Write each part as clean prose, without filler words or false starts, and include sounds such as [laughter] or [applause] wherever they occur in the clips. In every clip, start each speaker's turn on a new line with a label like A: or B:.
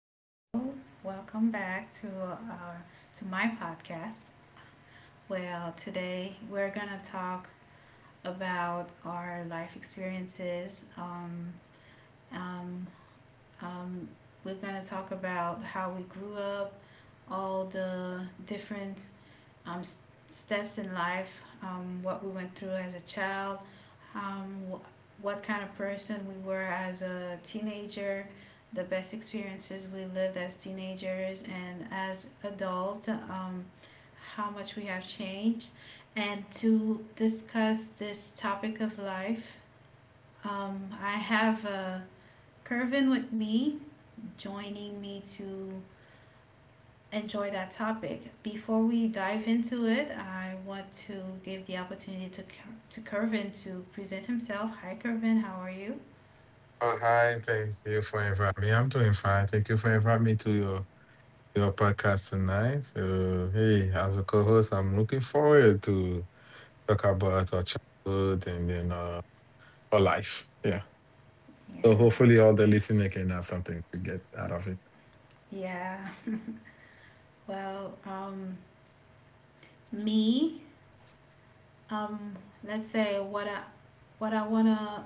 A: Hello. Welcome back to our to my podcast. Well, today we're going to talk about our life experiences. Um um we're going to talk about how we grew up, all the different um s- steps in life, what we went through as a child, um, what kind of person we were as a teenager, the best experiences we lived as teenagers and as adult, how much we have changed, and to discuss this topic of life. I have Kervin with me, joining me to enjoy that topic. Before we dive into it, I want to give the opportunity to Kervin to present himself. Hi, Kervin. How are you?
B: Oh, hi, thank you for inviting me. I'm doing fine. Thank you for inviting me to your podcast tonight. Hey, as a co-host, I'm looking forward to talk about our childhood and then our life. Yeah. So
A: Yeah,
B: hopefully all the listener can have something to get out of it.
A: yeah. Well, me, um, let's say what I wanna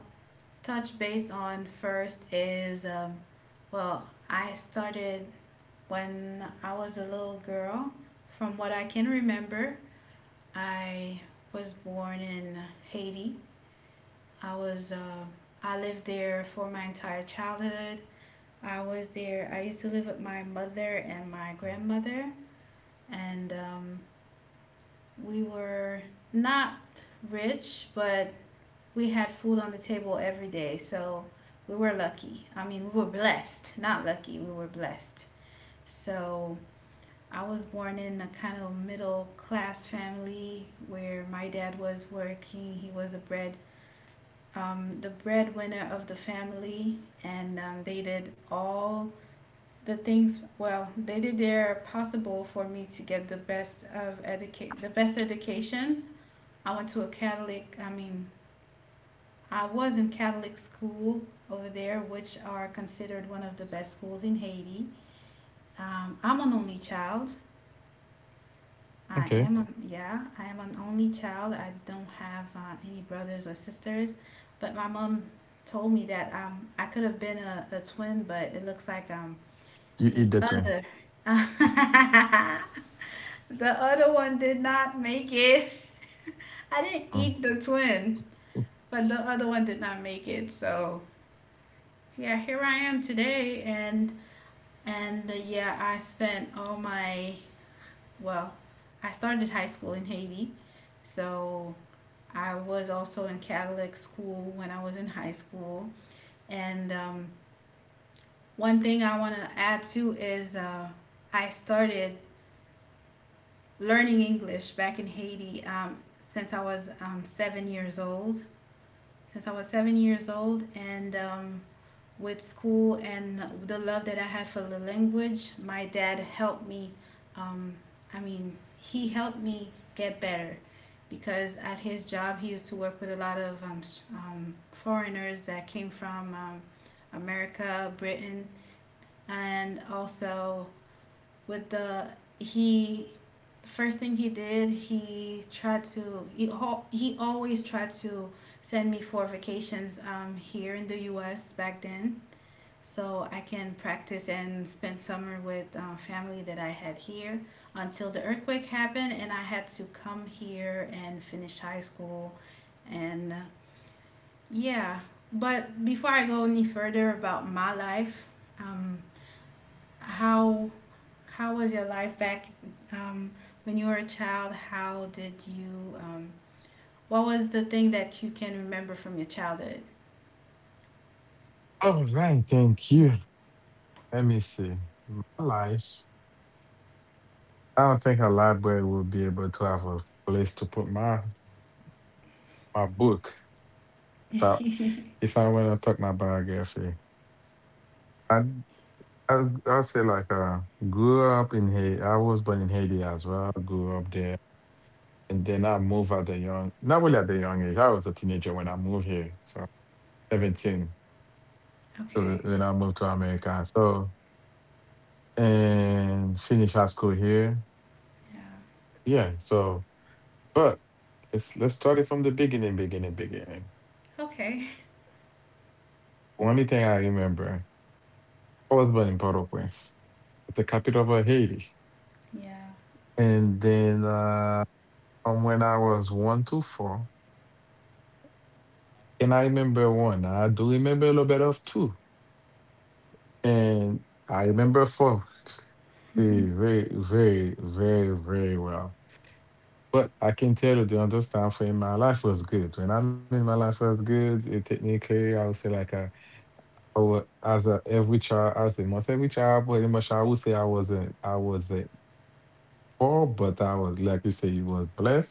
A: touch base on first is, well, I started when I was a little girl. From what I can remember, I was born in Haiti. I was I lived there for my entire childhood. I was there. I used to live with my mother and my grandmother, and we were not rich, but we had food on the table every day. So we were lucky. I mean, we were blessed, not lucky, we were blessed. So I was born in a kind of middle class family where my dad was working. He was the breadwinner of the family, and they did all the things. Well, they did their possible for me to get the best education. I went to a Catholic, I mean, I was in Catholic school over there, which are considered one of the best schools in Haiti. I'm an only child.
B: Okay.
A: I am an only child. I don't have any brothers or sisters, but my mom told me that I could have been a twin, but it looks like
B: You
A: the
B: eat that one.
A: other, [laughs] the other one did not make it. [laughs] I didn't
B: Mm.
A: eat the twin. But the other one did not make it. So yeah, here I am today, and yeah, I spent all my well, I started high school in Haiti, so I was also in Catholic school when I was in high school. And one thing I want to add too is I started learning English back in Haiti, since I was 7 years old. Since I was 7 years old, and with school and the love that I had for the language, my dad helped me. Um, I mean, he helped me get better because at his job he used to work with a lot of foreigners that came from America, Britain, and also with the he. The first thing he did, he always tried to send me for vacations, here in the U.S. back then, so I can practice and spend summer with family that I had here until the earthquake happened and I had to come here and finish high school. And yeah But before I go any further about my life, um, how was your life back, um, when you were a child? How did you, what was the thing that you can remember from your childhood?
B: All right, thank you. Let me see. My life. I don't think a library will be able to have a place to put my book if I if I want to took my biography. I I say like grew up in Haiti. I was born in Haiti as well. Grew up there, and then I moved at the young not really at the young age. I was a teenager when I moved here, so 17. So
A: Okay.
B: then I moved to America. So and finished high school here.
A: Yeah.
B: Yeah. So but let's start it from the beginning, beginning, beginning.
A: Okay.
B: Only thing I remember, I was born in Port-au-Prince, the capital of Haiti.
A: Yeah,
B: And then from when I was one to four, and I remember one, I do remember a little bit of two. And I remember four very, very, very, very well. But I can tell you the other for in my life was good. When I mean my life was good, technically I would say like a, or as a every child, I would say most every child, pretty much I would say I was a poor, but I was, like you say, was blessed.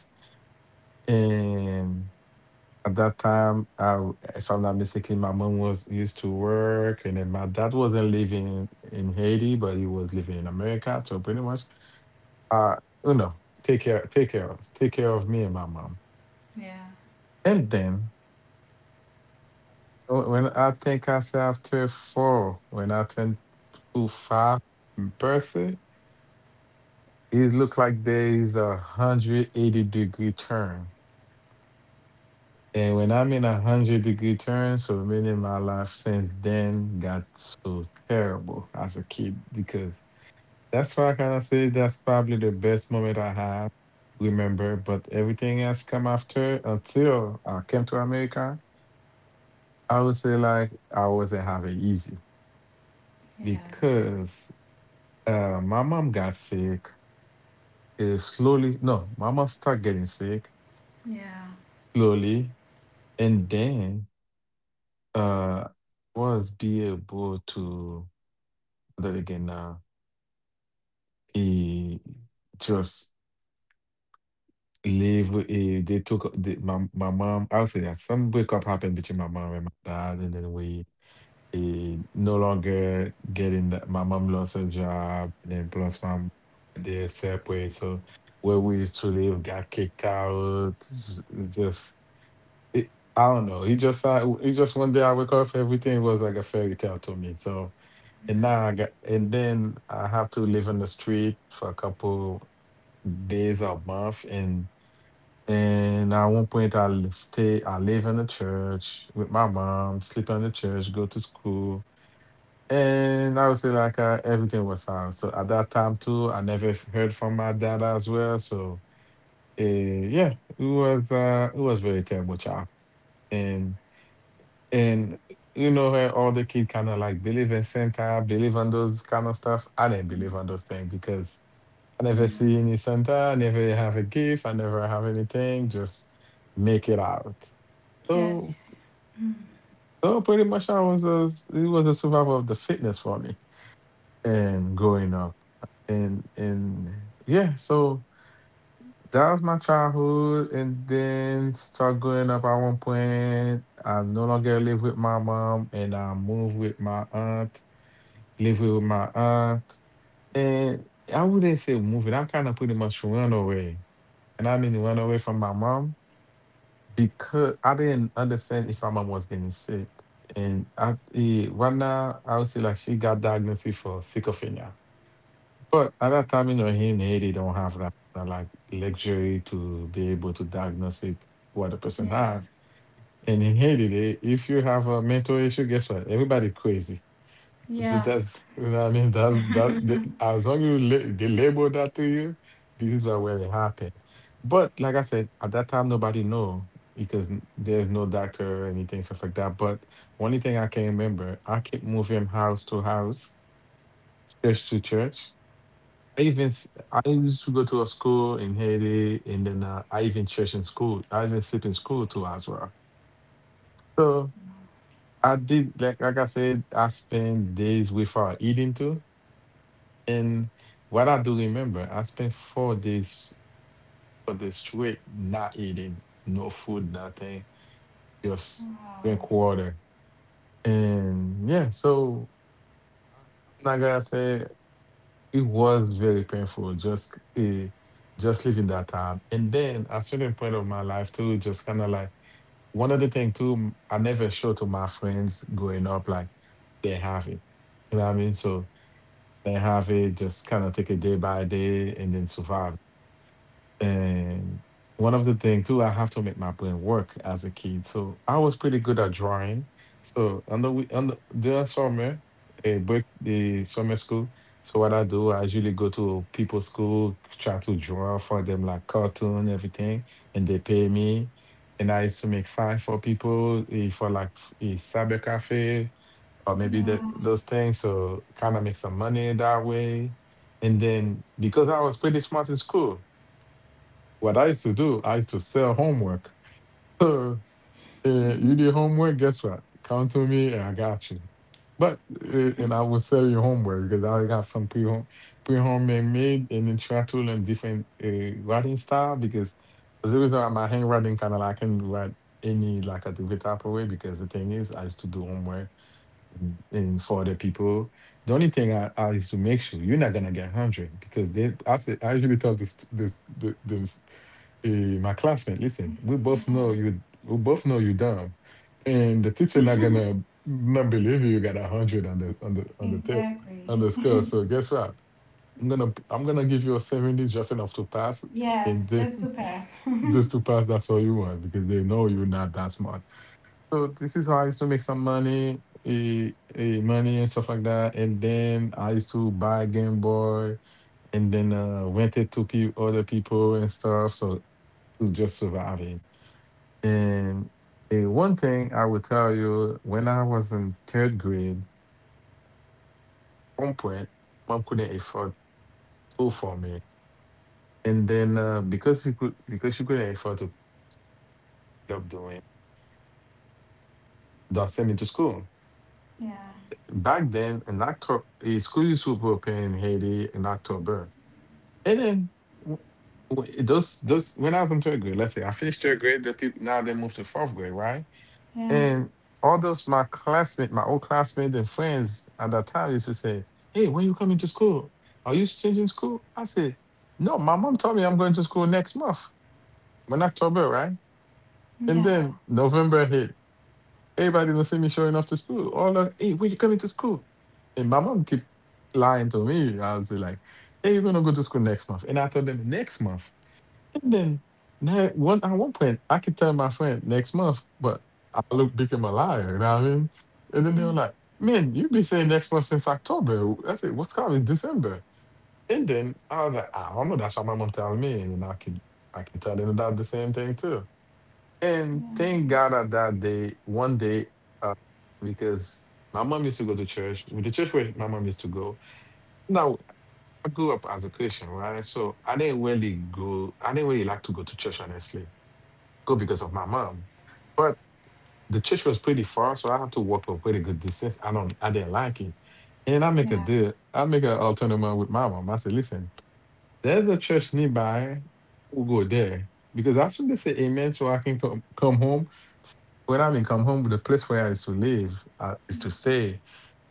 B: And at that time, I, if I'm not mistaken, my mom was used to work, and then my dad wasn't living in Haiti, but he was living in America. So pretty much, uh, take care of us, take care of me and my mom.
A: yeah,
B: And then when I think I say after four, when I turned to five, person, it looked like there is 180 degree turn. And when I'm in 100 degree turn, so many my life since then got so terrible as a kid because that's why I can say that's probably the best moment I have remember. But everything else come after until I came to America. I would say like I wasn't having easy
A: yeah. Okay.
B: because my mom got sick. Slowly, no, my mom started getting sick
A: Yeah.
B: slowly, and then uh, was be able to that they can eh, just live. They took the, my mom. I would say that some breakup happened between my mom and my dad, and then we no longer getting that. My mom lost her job, and then plus they separate. So where we used to live got kicked out. Just it, I don't know. It just one day I woke up, everything was like a fairy tale to me. So. And
A: Yeah.
B: now I got, and then I have to live on the street for a couple days or month. and at one point I live in the church with my mom, sleep in the church, go to school. And I would say like everything was out. So at that time too, I never f- heard from my dad as well. So yeah, it was it was very terrible child. and. And you know where all the kids kind of like believe in Santa, believe on those kind of stuff. I didn't believe on those things because I never
A: Yeah.
B: see any Santa, I never have a gift, I never have anything. Just make it out.
A: Yes.
B: So,
A: Mm.
B: so, pretty much I was a it was a survival of the fitness for me and growing up. And yeah, so that was my childhood. And then start growing up at one point. I no longer live with my mom and I moved with my aunt. Living with my aunt. And I wouldn't say moving. I kind of pretty much run away. And I mean run away from my mom because I didn't understand if my mom was getting sick. And right now, I would say like she got diagnosed for sycophilia. But at that time, here in Haiti, don't have that, like luxury to be able to diagnose it, what the person
A: Yeah.
B: have. And in Haiti, they, if you have a mental issue, guess what? Everybody crazy. Th-
A: Yeah.
B: That's, you know what I mean?
A: [laughs]
B: As long as they label that to you, this is what will happen. But like I said, at that time, nobody know because there's no doctor or anything, stuff like that. But only thing I can remember, I kept moving house to house, church to church. I used to go to a school in Haiti, and then I even church in school. I even sleep in school too as well. So I did, like I said, I spent days without eating too. And what I do remember, I spent 4 days for the straight not eating, no food, nothing, just
A: Wow.
B: drink water. And yeah, so am not gonna say it was very painful just living that time. And then at a certain point of my life too, just kind of like one of the thing too, I never showed to my friends growing up like they have it. You know what I mean? So they have it, just kind of take it day by day and then survive. And one of the things too, I have to make my brain work as a kid. So I was pretty good at drawing. So on the wee- on the, during summer, a break the summer school. So what I do, I usually go to people's school, try to draw for them like cartoon, everything, and they pay me. And I used to make sign for people for like a cyber cafe or maybe that those things. So kind of make some money that way. And then because I was pretty smart in school, what I used to do, I used to sell homework. So you did homework, guess what? Come to me and I got you. But and I will sell you homework because I have some pre homemade made and then try to learn different writing style because as a result my handwriting kind of like I can write any like a different type of way because the thing is I used to do homework and for the people, the only thing I is to make sure you're not gonna get hundred because they. I said I usually tell this this the, s- eh, my classmate, listen, we both know you. We both know you dumb, and the teacher
A: Yeah.
B: not
A: [laughs]
B: gonna not believe you. You got a hundred on the on the on the te-
A: Exactly.
B: on the score. So guess what? I'm gonna give you a 70 just enough to pass,
A: Yes.
B: and then
A: Just to
B: [laughs]
A: pass. [laughs]
B: just to pass. That's all you want because they know you're not that smart. So this is how I used to make some money and stuff like that. And then I used to buy Game Boy and then rent it to other people and stuff. So it was just surviving. And one thing I would tell you, when I was in third grade, one point, mom couldn't afford school for me. And then because she couldn't afford to keep up doing, that sent me to school.
A: Yeah.
B: Back then, in October, school used to open in Haiti in October. And then w- those when I was in third grade, let's say I finished third grade, the people now they moved to fourth grade, right?
A: Yeah.
B: And all those my classmates, my old classmates and friends at that time used to say, "Hey, when you coming to school? Are you changing school?" I said, "No, my mom told me I'm going to school next month." In October, right? And
A: Yeah.
B: then November hit. Everybody don't see me showing up to school. All of hey, when you coming to school? And my mom keep lying to me. I was like, "Hey, you're gonna go to school next month." And I told them next month. And then now one point I could tell my friend next month, but I look became a liar, you know what I mean? And then they were like, "Man, you've been saying next month since October." I said, "What's coming? It's December." And then I was like, "I don't know, that's what my mom telling me." And then I can tell them about the same thing too. And thank God that that day, one day, uh, because my mom used to go to church with the church where my mom used to go. Now I grew up as a Christian, right? So I didn't really go. I didn't really like to go to church, honestly go because of my mom. But the church was pretty far, so I have to walk a pretty good distance. I didn't like it. And I make a
A: Yeah.
B: deal. I make an alternative with my mom. I say, listen, there's a church nearby. We'll go there because I should say amen so I can come home. When I mean come home, the place where I used to live is to stay,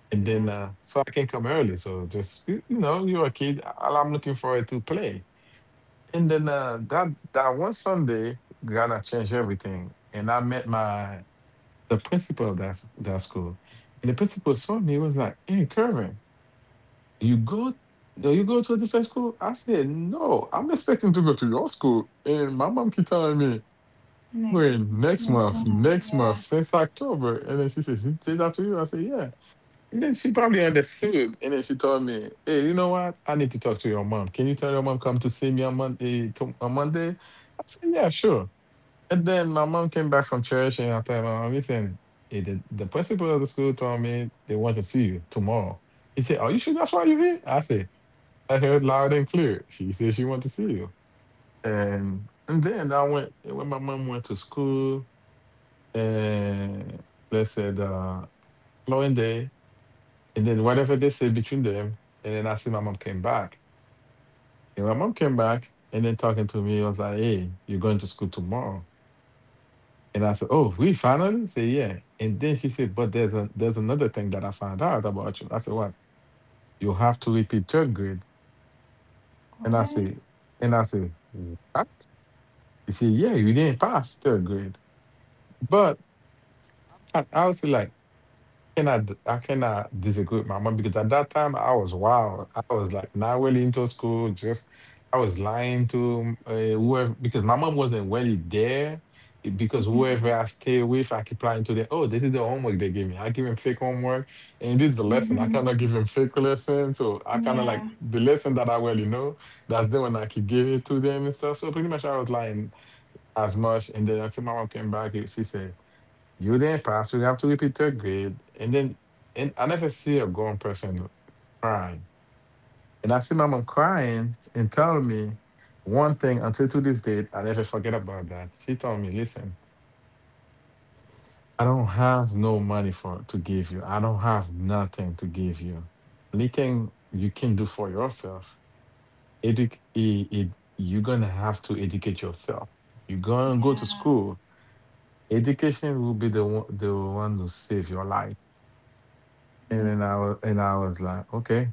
B: and then so I can come early. So just you, you're a kid. All I'm looking forward to play. And then that one Sunday, God, I changed everything. And I met my the principal of that school. And the principal saw me, was like, "Hey, Kervin, you go, do you go to a different school?" I said, "No, I'm expecting to go to your school. And my mom keep telling me, 'I'm
A: Next.
B: going next
A: Next
B: month,
A: month.
B: next month,'
A: Yeah.
B: since October." And then she said, "She did that to you?" I said, "Yeah." And then she probably understood. And then she told me, "Hey, you know what? I need to talk to your mom. Can you tell your mom come to see me on Monday? On Monday?" I said, "Yeah, sure." And then my mom came back from church and I told my mom, "Listen, the principal of the school told me they want to see you tomorrow." He said, "Are you sure that's why you're here?" I said, "I heard loud and clear. She said she want to see you." And then I went, when my mom went to school, and they said following day. And then whatever they said between them, and then I see my mom came back. And my mom came back and then talking to me, was like, "Hey, you're going to school tomorrow." And I said, "Oh, we finally?" Say, "Yeah." And then she said, "But there's another thing that I found out about you." I said, "What?" "You have to repeat third grade." And I
A: What? [laughs]
B: said, "What?" She said, "Yeah, you didn't pass third grade." But I was like, cannot I cannot disagree with my mom because at that time I was wild. I was like not really into school. Just I was lying to whoever because my mom wasn't really there. Because whoever I stay with, I keep lying to them. Oh, this is the homework they gave me. I give him fake homework, and this is the lesson. I
A: Mhm.
B: cannot give him fake lesson, so I kind of like
A: Yeah.
B: the lesson that I already know. That's the one I could give it to them and stuff. So pretty much I was lying as much. And then until my mom came back, she said, "You didn't pass. You have to repeat third grade." And then, and I never see a grown person crying. And I see my mom crying and telling me one thing until to this date, I never forget about that. She told me, "Listen, I don't have no money for to give you. I don't have nothing to give you. Anything you can do for yourself, edu- i- i- you're going to have to educate yourself. You're going to go to
A: Yeah.
B: school. Education will be the one to save your life." And
A: Yeah.
B: then I was like, "Okay."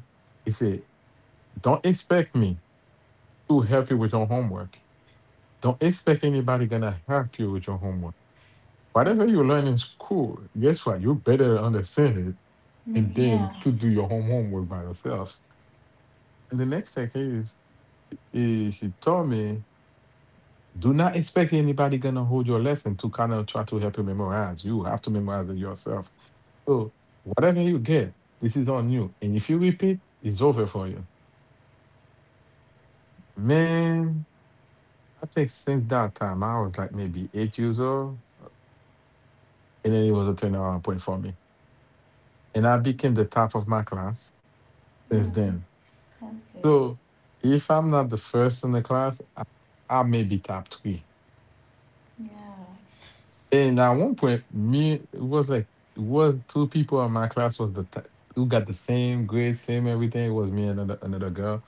B: He said, "Don't expect me to help you with your homework. Don't expect anybody gonna help you with your homework.
A: Yeah.
B: Whatever you learn in school, guess what? You better understand it and then
A: Yeah.
B: to do your homework by yourself." And the next thing is she told me, "Do not expect anybody gonna hold your lesson to kind of try to help you memorize. You have to memorize it yourself. So whatever you get, this is on you. And if you repeat, it's over for you." Man, I think since that time, I was like maybe 8 years old, and then it was a turnaround point for me. And I became the top of my class
A: Yeah.
B: since
A: That's
B: then.
A: good.
B: So if I'm not the first in the class, I may be top three.
A: Yeah.
B: And at one point, me, it was like it was two people in my class was the who got the same grade, same everything. It was me and another girl,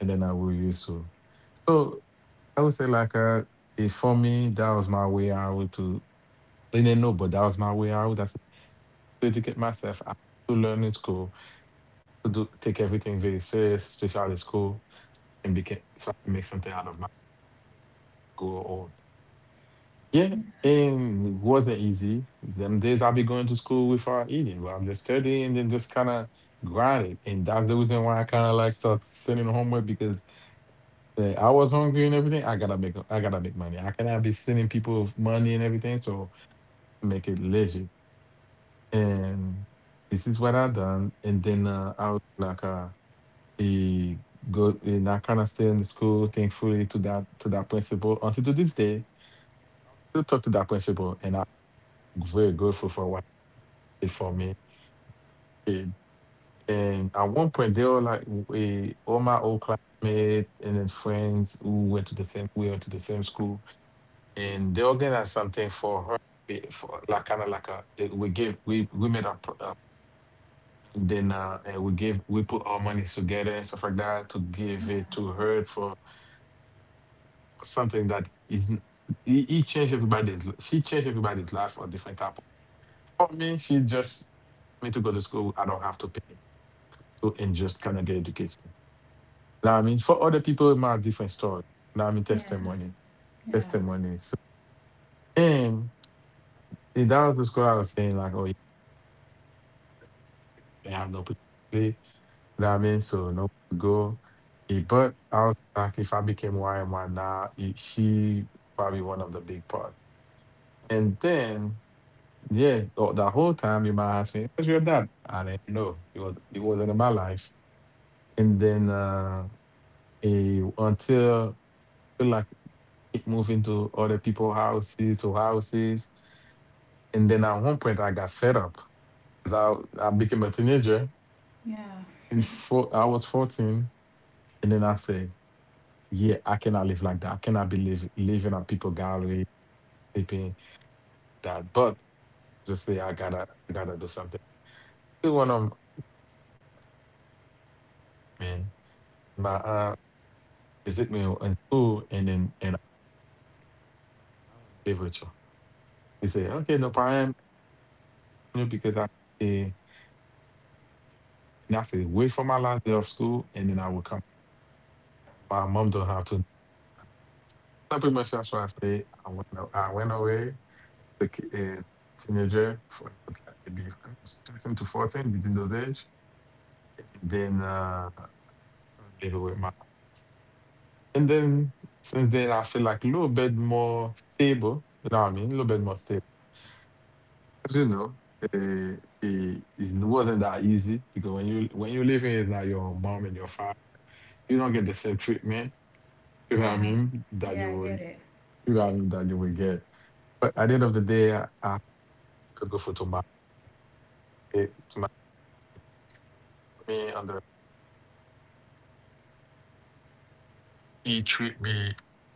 B: and then I we used to. So I would say like for me that was my way out to. They didn't know, but that was my way out. Dedicate myself I to learn in school, to do take everything very serious, especially out of school, and became so I can make something out of my school or yeah. And it wasn't easy. Them days I'll be going to school without eating, but I'm just studying and then just kind of grind it. And that's the reason why I kind of like start sending homework because I was hungry and everything. I gotta make money. I cannot be sending people money and everything. So make it legit. And this is what I done. And then He go and I kinda stay in school, thankfully to that principal until to this day. I still talk to that principal and I'm very grateful for what he did for me. And at one point they were like, all my old classmates and then friends who went to the same we went to the same school, and they organized something for her, for like kinda like a they, we made a then and we put our money together and stuff like that to give
A: Yeah.
B: it to her for something that is he changed everybody's l- she changed everybody's life on different type of, for me she just me to go to school, I don't have to pay, so and just kind of get education, you know what I mean? For other people it might be a different story, you know what I mean?
A: Yeah.
B: Testimony,
A: Yeah.
B: testimony. So, and see, that was the school I was saying like, "Oh yeah, they have no place to sleep, know what I mean? So no place to go." But I was like, if I became, why am I now, she probably one of the big part. And then yeah, the whole time your mom asked me, "Where's your dad?" I didn't know. He wasn't in my life. And then until feel like keep moving to other people's houses or houses. And then at one point I got fed up, 'cause I became a teenager,
A: Yeah.
B: and four, I was 14. And then I said, "Yeah, I cannot live like that. I cannot be living on people gallery, sleeping that." But just say I gotta do something. Still one of man. My aunt, he took me in school, and then and I don't wanna live with you. He said, "Okay, no problem," because I, eh, and I said, "Wait for my last day of school and then I will come. My mom don't have to." So pretty much that's what I say, I went away to a teenager for, it was like maybe I was 13 to 14 between those age. And then live with my, and then since then I feel like a little bit more stable. You know what I mean? A little bit more stable. As you know, it wasn't that easy because when you live in like your mom and your father, you don't get the same treatment. You know what I
A: Yeah.
B: mean? That you
A: Yeah. I
B: will, you
A: get it.
B: know what I mean, that you will get. But at the end of the day, I feel grateful to my, to my me and the he treat me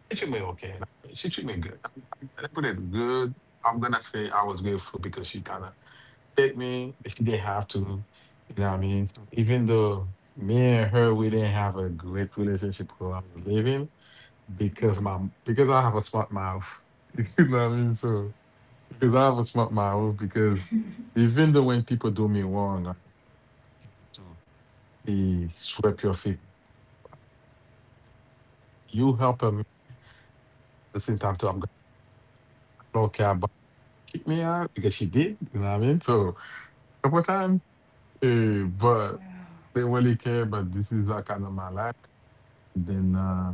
B: he treat me okay. She treat me good. I put it good. I'm gonna say I was grateful because she kind of take me if they have to. You know what I mean? So even though me and her we didn't have a great relationship while I was living,
A: Yeah.
B: because my, because I have a smart mouth. [laughs] You know what I mean? So because I have a smart mouth because even though when people do me wrong, like people do, they sweep your feet. You help them at the same time too. I don't care about kick me out because she did, you know what I mean? So couple of times. But
A: Wow.
B: they really care, but this is not kind of my life. then uh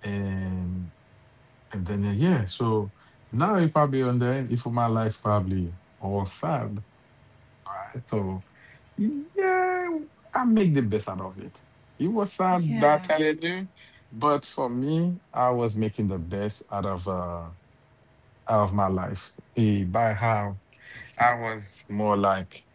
B: and and then uh, yeah, so now if I be on there, if my life probably all sad. All right, so yeah, I make the best out of it. It was sad that
A: Yeah,
B: telling you, but for me, I was making the best out of my life, by how I was more like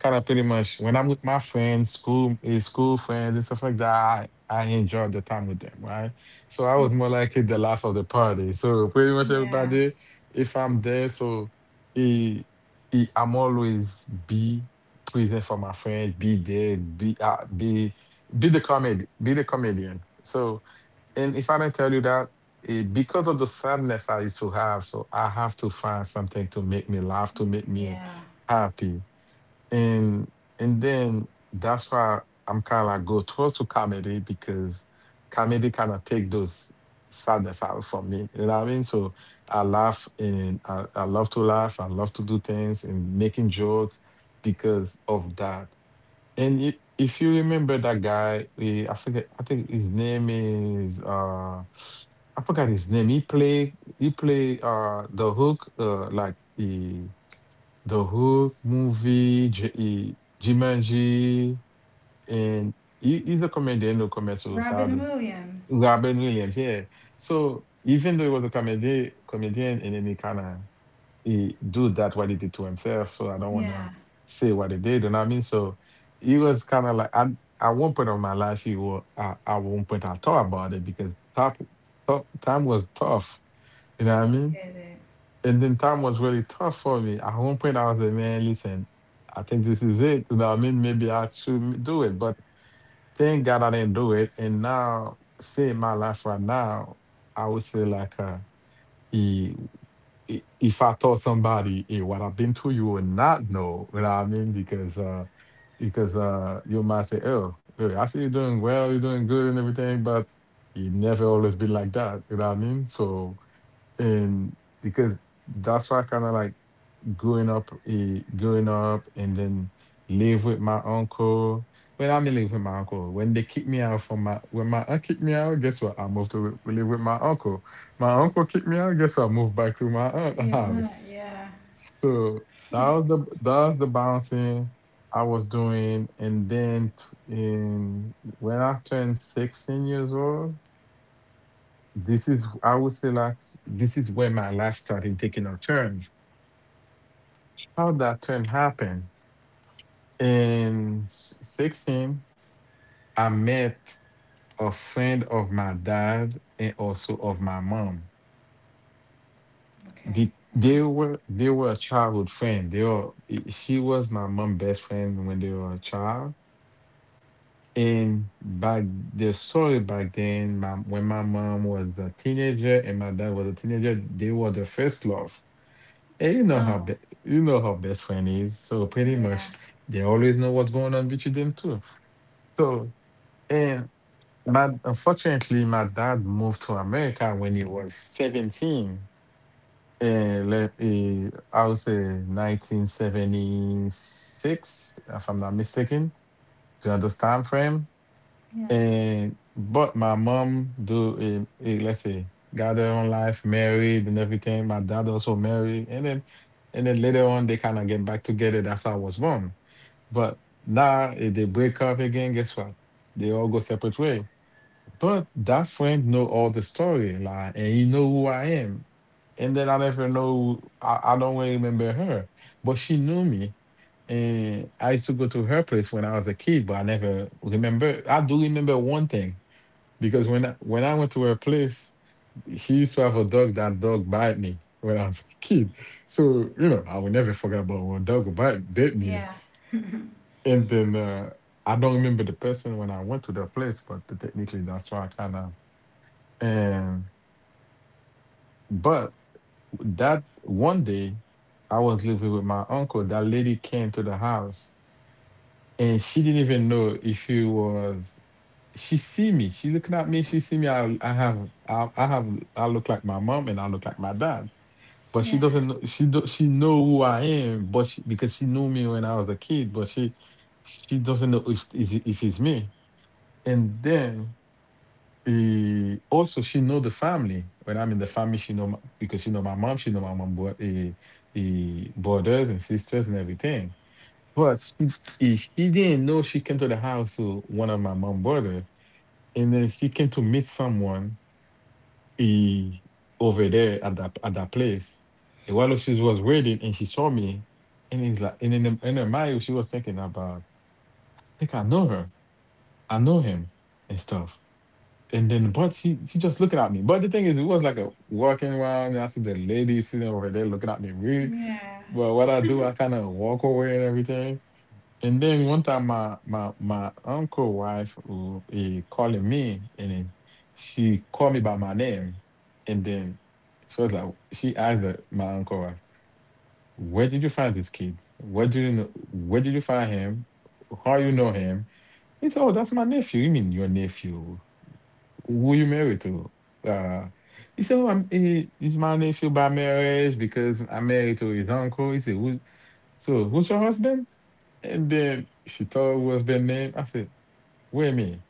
B: kind of pretty much when I'm with my friends, school friends and stuff like that. I enjoy the time with them, right? So I was more like the life of the party. So pretty much
A: yeah,
B: everybody, if I'm there, so eh, I'm always be present for my friend, be there, be the comedy, be the comedian. So and if I didn't tell you that, because of the sadness I used to have, so I have to find something to make me laugh, to make me
A: yeah.
B: happy. And and then that's why I'm kind of like go towards to comedy because comedy kind of take those sadness out from me. You know what I mean? So I laugh and I love to laugh. I love to do things and making joke because of that. And if you remember that guy, I forget. I think his name is I forgot his name. He played the Hook, like the Hook movie, Jumanji, and he's a comedian who commits
A: Robin
B: suicides.
A: Williams.
B: Robin Williams, yeah. So even though he was a comedian, and then he kind of he do that what he did to himself. So I don't want to
A: Yeah,
B: say what he did. You know what I mean? So he was kind of like, at one point of my life, he was at one point I thought about it because time was tough. You know what I mean?
A: get it.
B: And then time was really tough for me. At one point, I was like, man, listen, I think this is it. You know what I mean? Maybe I should do it. But thank God I didn't do it. And now, seeing my life right now, I would say like uh, i- if I told somebody, hey, what I've been through, you would not know. You know what I mean? Because you might say, "Oh, hey, I see you're doing well, you're doing good and everything, but you never always been like that." You know what I mean? So and because that's why I kinda like growing up, and
A: Uh,
B: then live with my uncle. When I mean live with my uncle, when they kicked me out from my when my aunt kicked me out, guess what? I moved to live with my uncle. My uncle kicked me out. Guess what? I moved back to my aunt
A: to
B: [laughs]
A: your aunt.
B: house.
A: Yeah,
B: So that was the bouncing I was doing, and then t- in when I turned 16 years old. This is, I would say, like, this is where my life started taking a turn. How that turn happened? In 16, I met a friend of my dad and also of my mom.
A: okay.
B: The, they
A: And
B: were they were a childhood friend. She was my mom's best friend when they were a child. And back, the story back then, my when my mom was a teenager and my dad was a teenager, they were the first love. And
A: oh,
B: you know how best friend is. So pretty much
A: yeah,
B: they always know what's going on between them too. So and. My unfortunately, my dad moved to America when he was 17.
A: okay.
B: I would say 1976, if I'm not mistaken, during this time frame.
A: Yeah,
B: And but my mom do let's say got her own life, married and everything. My dad also married, and then later on they kind of get back together. That's how I was born. But now if they break up again, guess what? They all go separate ways. But that friend know all the story, like, and he know who I am. And then I never know, I don't really remember her, but she knew me. And I used to go to her place when I was a kid, but I never remember. I do remember one thing because when I went to her place, she used to have a dog. That dog bite me when I was a kid, so you know I will never forget about when dog would bit me.
A: yeah,
B: And then I don't remember the person when I went to the place, but technically that's why I kind of, and but that one day I was living with my uncle, that lady came to the house and she didn't even know if it was. She see me. She looking at me, she see me. I look like my mom and I look like my dad. But she
A: yeah,
B: doesn't know she do, she know who I am, but she, because she knew me when I was a kid, but she doesn't know if, if it's me. And then, also, she know the family. When I'm in the family, she know my, because she know my mom. She know my mom brothers and sisters and everything. But she didn't know she came to the house to one of my mom brother, and then she came to meet someone eh, over there at that place. And while she was waiting, and she saw me, and it's like, and in her mind, she was thinking about, I think I know her, I know him, and stuff. And then, but she just looking at me. But the thing is, it was like a walking around, and I see the lady sitting over there looking at me weird.
A: yeah,
B: But what I do, I kind of walk away and everything. And then one time, my uncle wife who he calling me, and then she called me by my name, and then she was like, she asked the, my uncle wife, "Where did you find this kid? Where do you know? Where did you find him? How you know him?" He said, "Oh, that's my nephew." You mean your nephew? Who you married to? Uh, he said, "Oh, he's my nephew by marriage because I'm married to his uncle." He said, "Who's, so who's your husband?" And then she told her husband name. I said, "Wait a minute.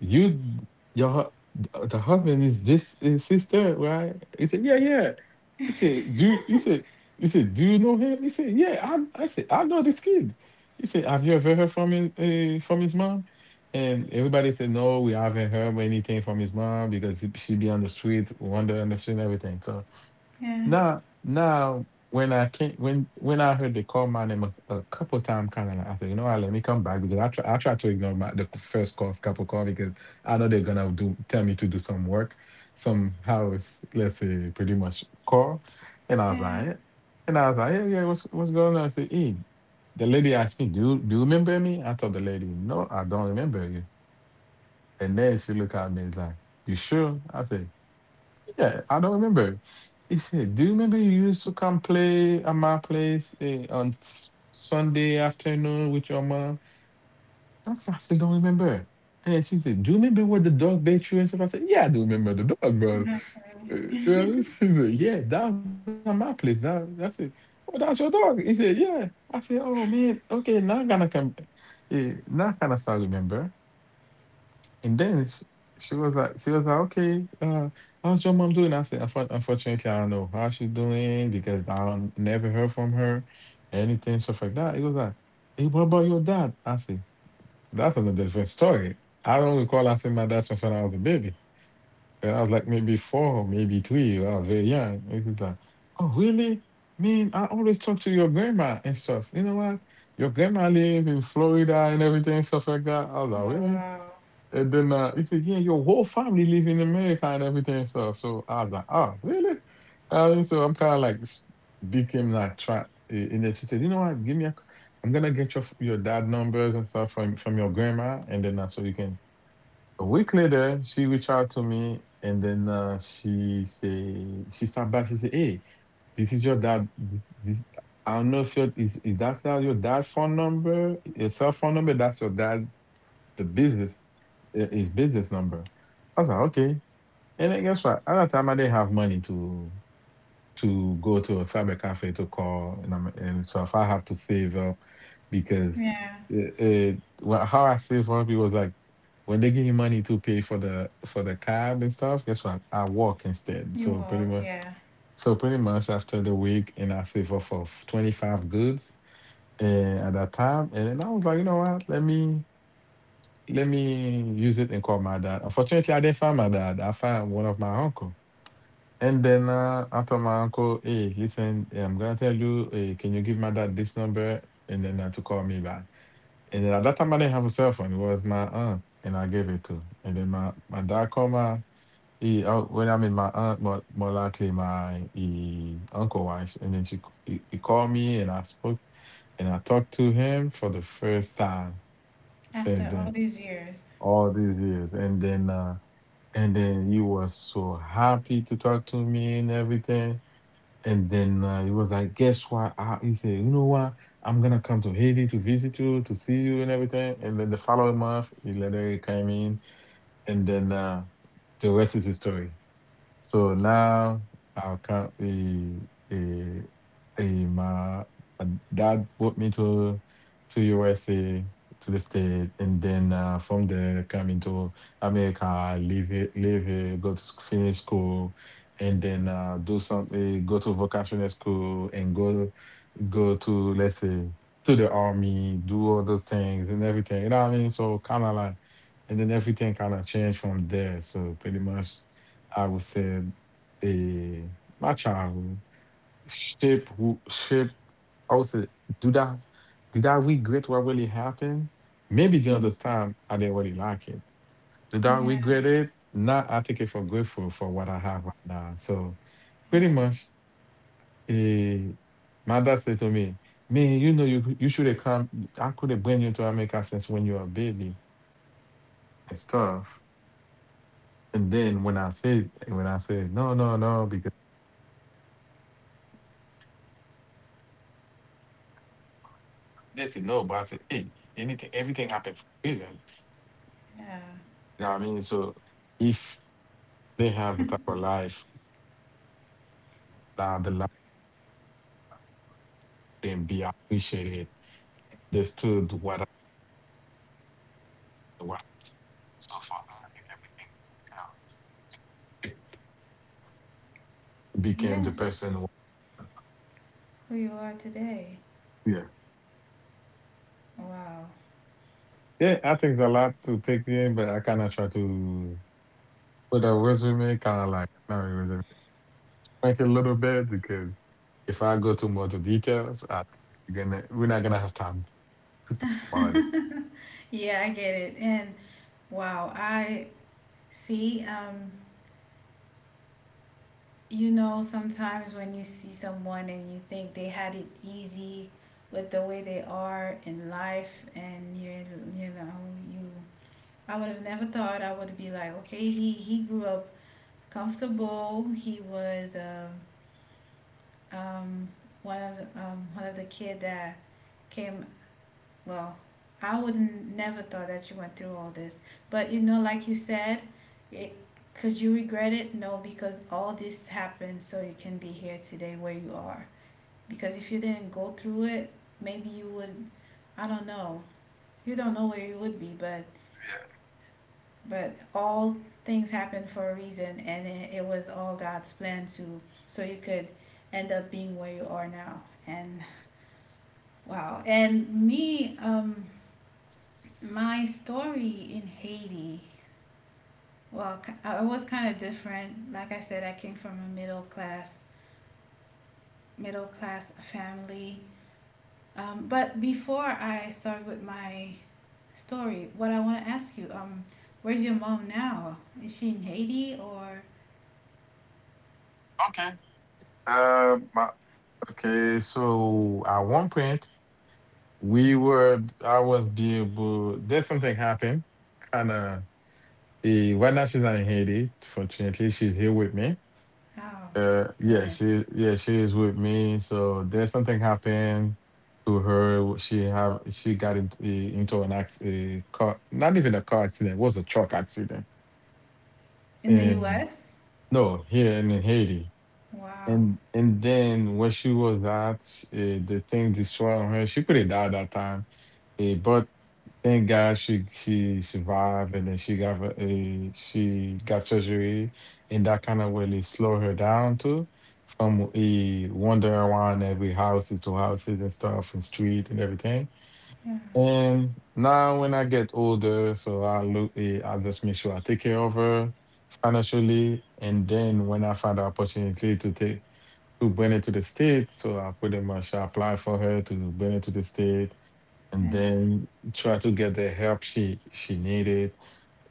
B: You, your, hu- th- the husband is this his sister, right?" He said, "Yeah, yeah." He said, "Dude," he said, "Do you know him?" He said, "Yeah. I said, I know this kid." He said, "Have you ever heard from his mom?" And everybody said, "No, we haven't heard anything from his mom because she be on the street, wander on the street and everything." So
A: yeah,
B: now, when I came, when I heard they call my name a couple times, kind of like I said, you know what, let me come back because I try to ignore my the first call, couple call because I know they're gonna do tell me to do some work, some house, let's say, pretty much call, and I was
A: yeah.
B: like, eh. And I was like, yeah, yeah, what's going on? I said, hey, the lady asked me, do you remember me? I told the lady, no, I don't remember you, and then she looked at me and was like, you sure? I said. Yeah, I don't remember. He said, "Do you remember you used to come play at my place on Sunday afternoon with your mom?" I said, I still don't remember. And then she said, "Do you remember where the dog bit you and stuff?" I said, "Yeah, I do remember the dog, bro." You know [laughs] what I mean? [laughs]
A: Okay. [laughs]
B: She said, "Yeah, that was at my place. That's it. Oh, that's your dog." He said, "Yeah." I said, "Oh man, okay, now I'm gonna come. Yeah, now I kinda start remember." And then she was like, okay, how's your mom doing? I said, "Unfortunately, I don't know how she's doing because I don't, never heard from her, anything, stuff like that." It was like, "Hey, what about your dad?" I said, "That's another different story. I don't recall I asking my dad since when I was a baby. When I was like maybe four, maybe three. I was very young." It was like, "Oh, really? Man, I always talk to your grandma and stuff. You know what?" Your grandma live in Florida and everything, stuff like that. I was like,
A: Oh
B: "Really?"
A: wow.
B: And then he said, "Yeah, your whole family live in America and everything and stuff." So I was like, "Oh, really?" And so I'm kind of like became like trapped. And then she said, "You know what? Give me a. c- I'm gonna get your your dad numbers and stuff from your grandma, and then so you can." A week later, she reached out to me, and then she say she stopped back. She said, "Hey, this is your dad. This, I don't know if your is that's not your dad's phone number, your cell phone number. That's your dad the business his business number. I was like, okay. And then guess what? At that time, I didn't have money to go to a cyber cafe to call, and so if I have to save up because
A: Yeah,
B: how I save up it was like when they give you money to pay for the cab and stuff. Guess what? I walk instead. So
A: you
B: pretty
A: walk.
B: much,
A: Yeah.
B: after the week, and I save up for 25 goods. And at that time, and then I was like, you know what? Let me use it and call my dad. Unfortunately, I didn't find my dad. I found one of my uncle. And then I told my uncle, hey, listen, I'm gonna tell you, hey, can you give my dad this number and then to call me back. And then at that time I didn't have a cell phone. It was my aunt, and I gave it to. And then my dad called my he, when I mean my aunt, more likely my he uncle wife. And then she he called me and I spoke and I talked to him for the first time since
A: After
B: then
A: all these years.
B: all these years and then you were so happy to talk to me and everything and then he was like guess what he said you know what I'm gonna come to Haiti to visit you to see you and everything and then the following month he later came in and then the rest is the story so now I can't. Eh, my uh, dad brought me to USA to the state, and then from there come into America, I live here, go to finish school, and then do some go to vocational school and go to let's say to the army, do other things and everything. You know what I mean? So kind of like, and then everything kind of changed from there. So pretty much, I would say, eh, my childhood shape who shape. I would say, do that. Did I regret what really happened? Maybe the other time I didn't really like it. Did I
A: Yeah,
B: regret it? Not. I take it for grateful for what I have right now. So
A: yeah,
B: pretty much Eh, my dad said to me, "Man, you know, you should have come. I could have bring you to America since when you were a baby and stuff." And then when I said, "No, no, no," because they said no, but I said, "Hey, anything, everything happened for a reason."
A: yeah,
B: You know what I mean? So if they have a type of life, now the life can be appreciated. They stood what I, what so far and everything count. Became
A: yeah.
B: the person. Who-
A: Who you are today.
B: Yeah,
A: Wow.
B: yeah. I think it's a lot to take in, but I kind of try to. With a resume, kind of like not a resume, like a little bit because if I go too much details, I think we're not gonna have time to talk about it.
A: [laughs] Yeah, I get it. And wow, I see. You know, sometimes when you see someone and you think they had it easy with the way they are in life, and you know you, I would have never thought. I would be like, okay, he grew up comfortable. He was um, one of the kid that came Well, I would never thought that you went through all this. But you know, like you said, it, could you regret it? No, because all this happened so you can be here today where you are. Because if you didn't go through it, maybe you would, I don't know. You don't know where you would be, but all things happen for a reason, and it was all God's plan, to so you could end up being where you are now. And wow, and me, my story in Haiti, well, it was kind of different. Like I said, I came from a middle class family. But before I start with my story, what I want to ask you, where's your mom now? Is she in Haiti or?
B: Okay. Um. uh, Okay. So at one point I was be able. There's something happened. Kind of. Right now she's not in Haiti. Fortunately, she's here with me.
A: Oh, good.
B: Yeah she is with me. So there's something happened to her. She have she got into an acc a car, not even a car accident. It was a truck accident.
A: In the
B: And
A: U.S.
B: no, here in Haiti.
A: Wow.
B: And then when she was at the thing destroyed on her. She could have died that time, but thank God she survived, and then she got surgery, and that kind of really slowed her down too, from wandering around every houses to houses and stuff and street and everything.
A: Yeah,
B: And now when I get older, so I look, I just make sure I take care of her financially, and then when I find the opportunity to take to bring it to the state. So I pretty much applied for her to bring it to the state and
A: yeah,
B: then try to get the help she needed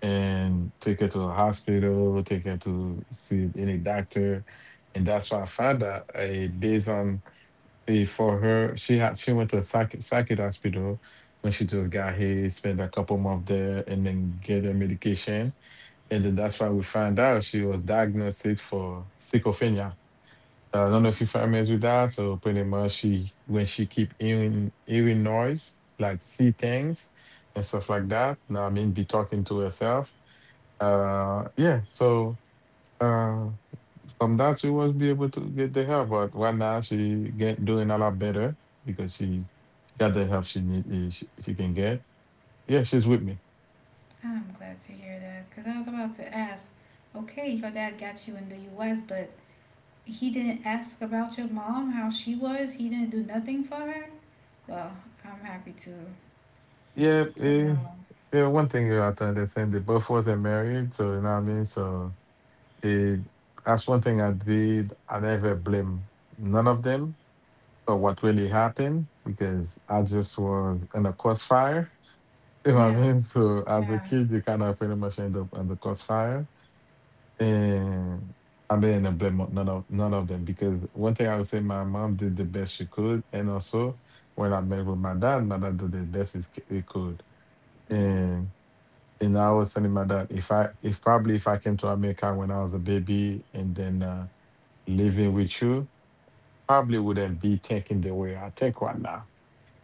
B: and take her to a hospital, take her to see any doctor. And that's why I found out based on for her, she went to a psychic, psychic hospital when she just got here, spent a couple months there, and then get her medication. And then that's why we found out she was diagnosed for schizophrenia. I
A: yeah.
B: don't know if you're familiar with that. So pretty much she when she keep hearing noise, like see things and stuff like that. Now I mean be talking to herself. Uh yeah, so uh from that she was be able to get the help, but right now she get doing a lot better because she got the help she need. She can get. Yeah, she's with me.
A: I'm glad to hear that because I was about to ask. Okay, your dad got you in the U.S., but he didn't ask about your mom, how she was. He didn't do nothing for her. Well, I'm happy to
B: Yeah, eh,
A: know.
B: yeah, one thing I understand they both wasn't married, so you know what I mean? So It, that's one thing I did. I never blame none of them for what really happened because I just was in a crossfire. [laughs] You know what I
A: Yeah,
B: mean? So as a
A: yeah,
B: kid, you kind of pretty much end up on the crossfire, and I didn't blame none of them because one thing I would say, my mom did the best she could, and also when I met with my dad did the best he could,
A: yeah,
B: and and I was telling my dad if I if probably if I came to America when I was a baby and then living with you probably wouldn't be thinking the way I think right now.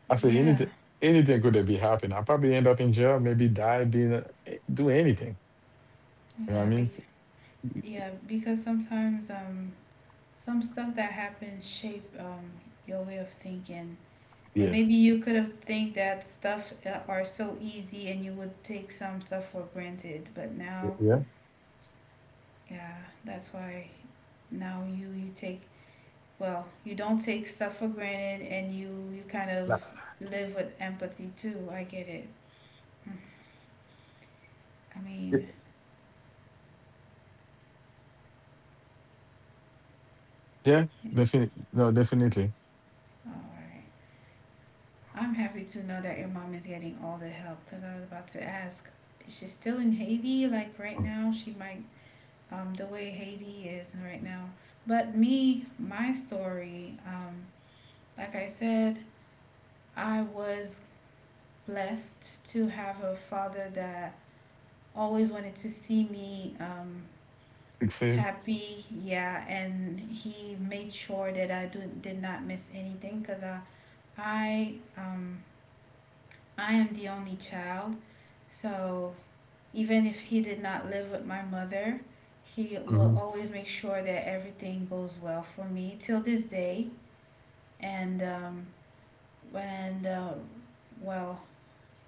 B: I say
A: yeah,
B: anything, anything could have be happening. I probably end up in jail, maybe die, being a, do anything. You know what I
A: yeah.
B: mean? So,
A: Yeah, because sometimes some stuff that happens shape, your way of thinking, and
B: yeah,
A: maybe you could have think that stuff, are so easy, and you would take some stuff for granted. But now,
B: yeah.
A: yeah, that's why now you take, well, you don't take stuff for granted, and you kind of
B: Like,
A: live with empathy too. I get it. Mm. I
B: y-
A: mean,
B: yeah.
A: yeah,
B: Definitely, no, definitely.
A: all right. I'm happy to know that your mom is getting all the help because I was about to ask. Is she still in Haiti? Like right now, she might, the way Haiti is right now. But me, my story, like I said, I was blessed to have a father that always wanted to see me,
B: Succeed.
A: happy, yeah. And he made sure that did not miss anything, because i um I am the only child. So even if he did not live with my mother, he will
B: Hmm.
A: always make sure that everything goes well for me till this day. And and uh, well,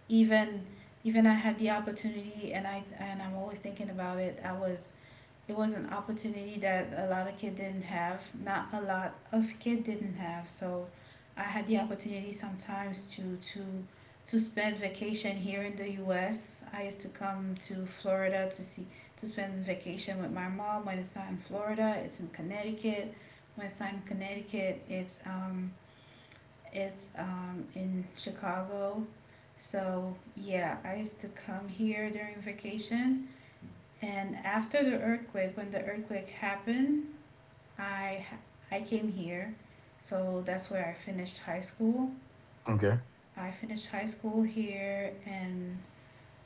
A: even even I had the opportunity, and I and I'm always thinking about it. I was It was an opportunity that a lot of kids didn't have. Not a lot of kids didn't have. So I had the opportunity sometimes to to spend vacation here in the U.S. I used to come to Florida to see, to spend vacation with my mom. When it's not in Florida, it's in Connecticut. When it's not in Connecticut, it's in Chicago. So yeah, I used to come here during vacation, and when the earthquake happened, I I came here. So that's where I finished high school.
B: Okay.
A: I finished high school here, and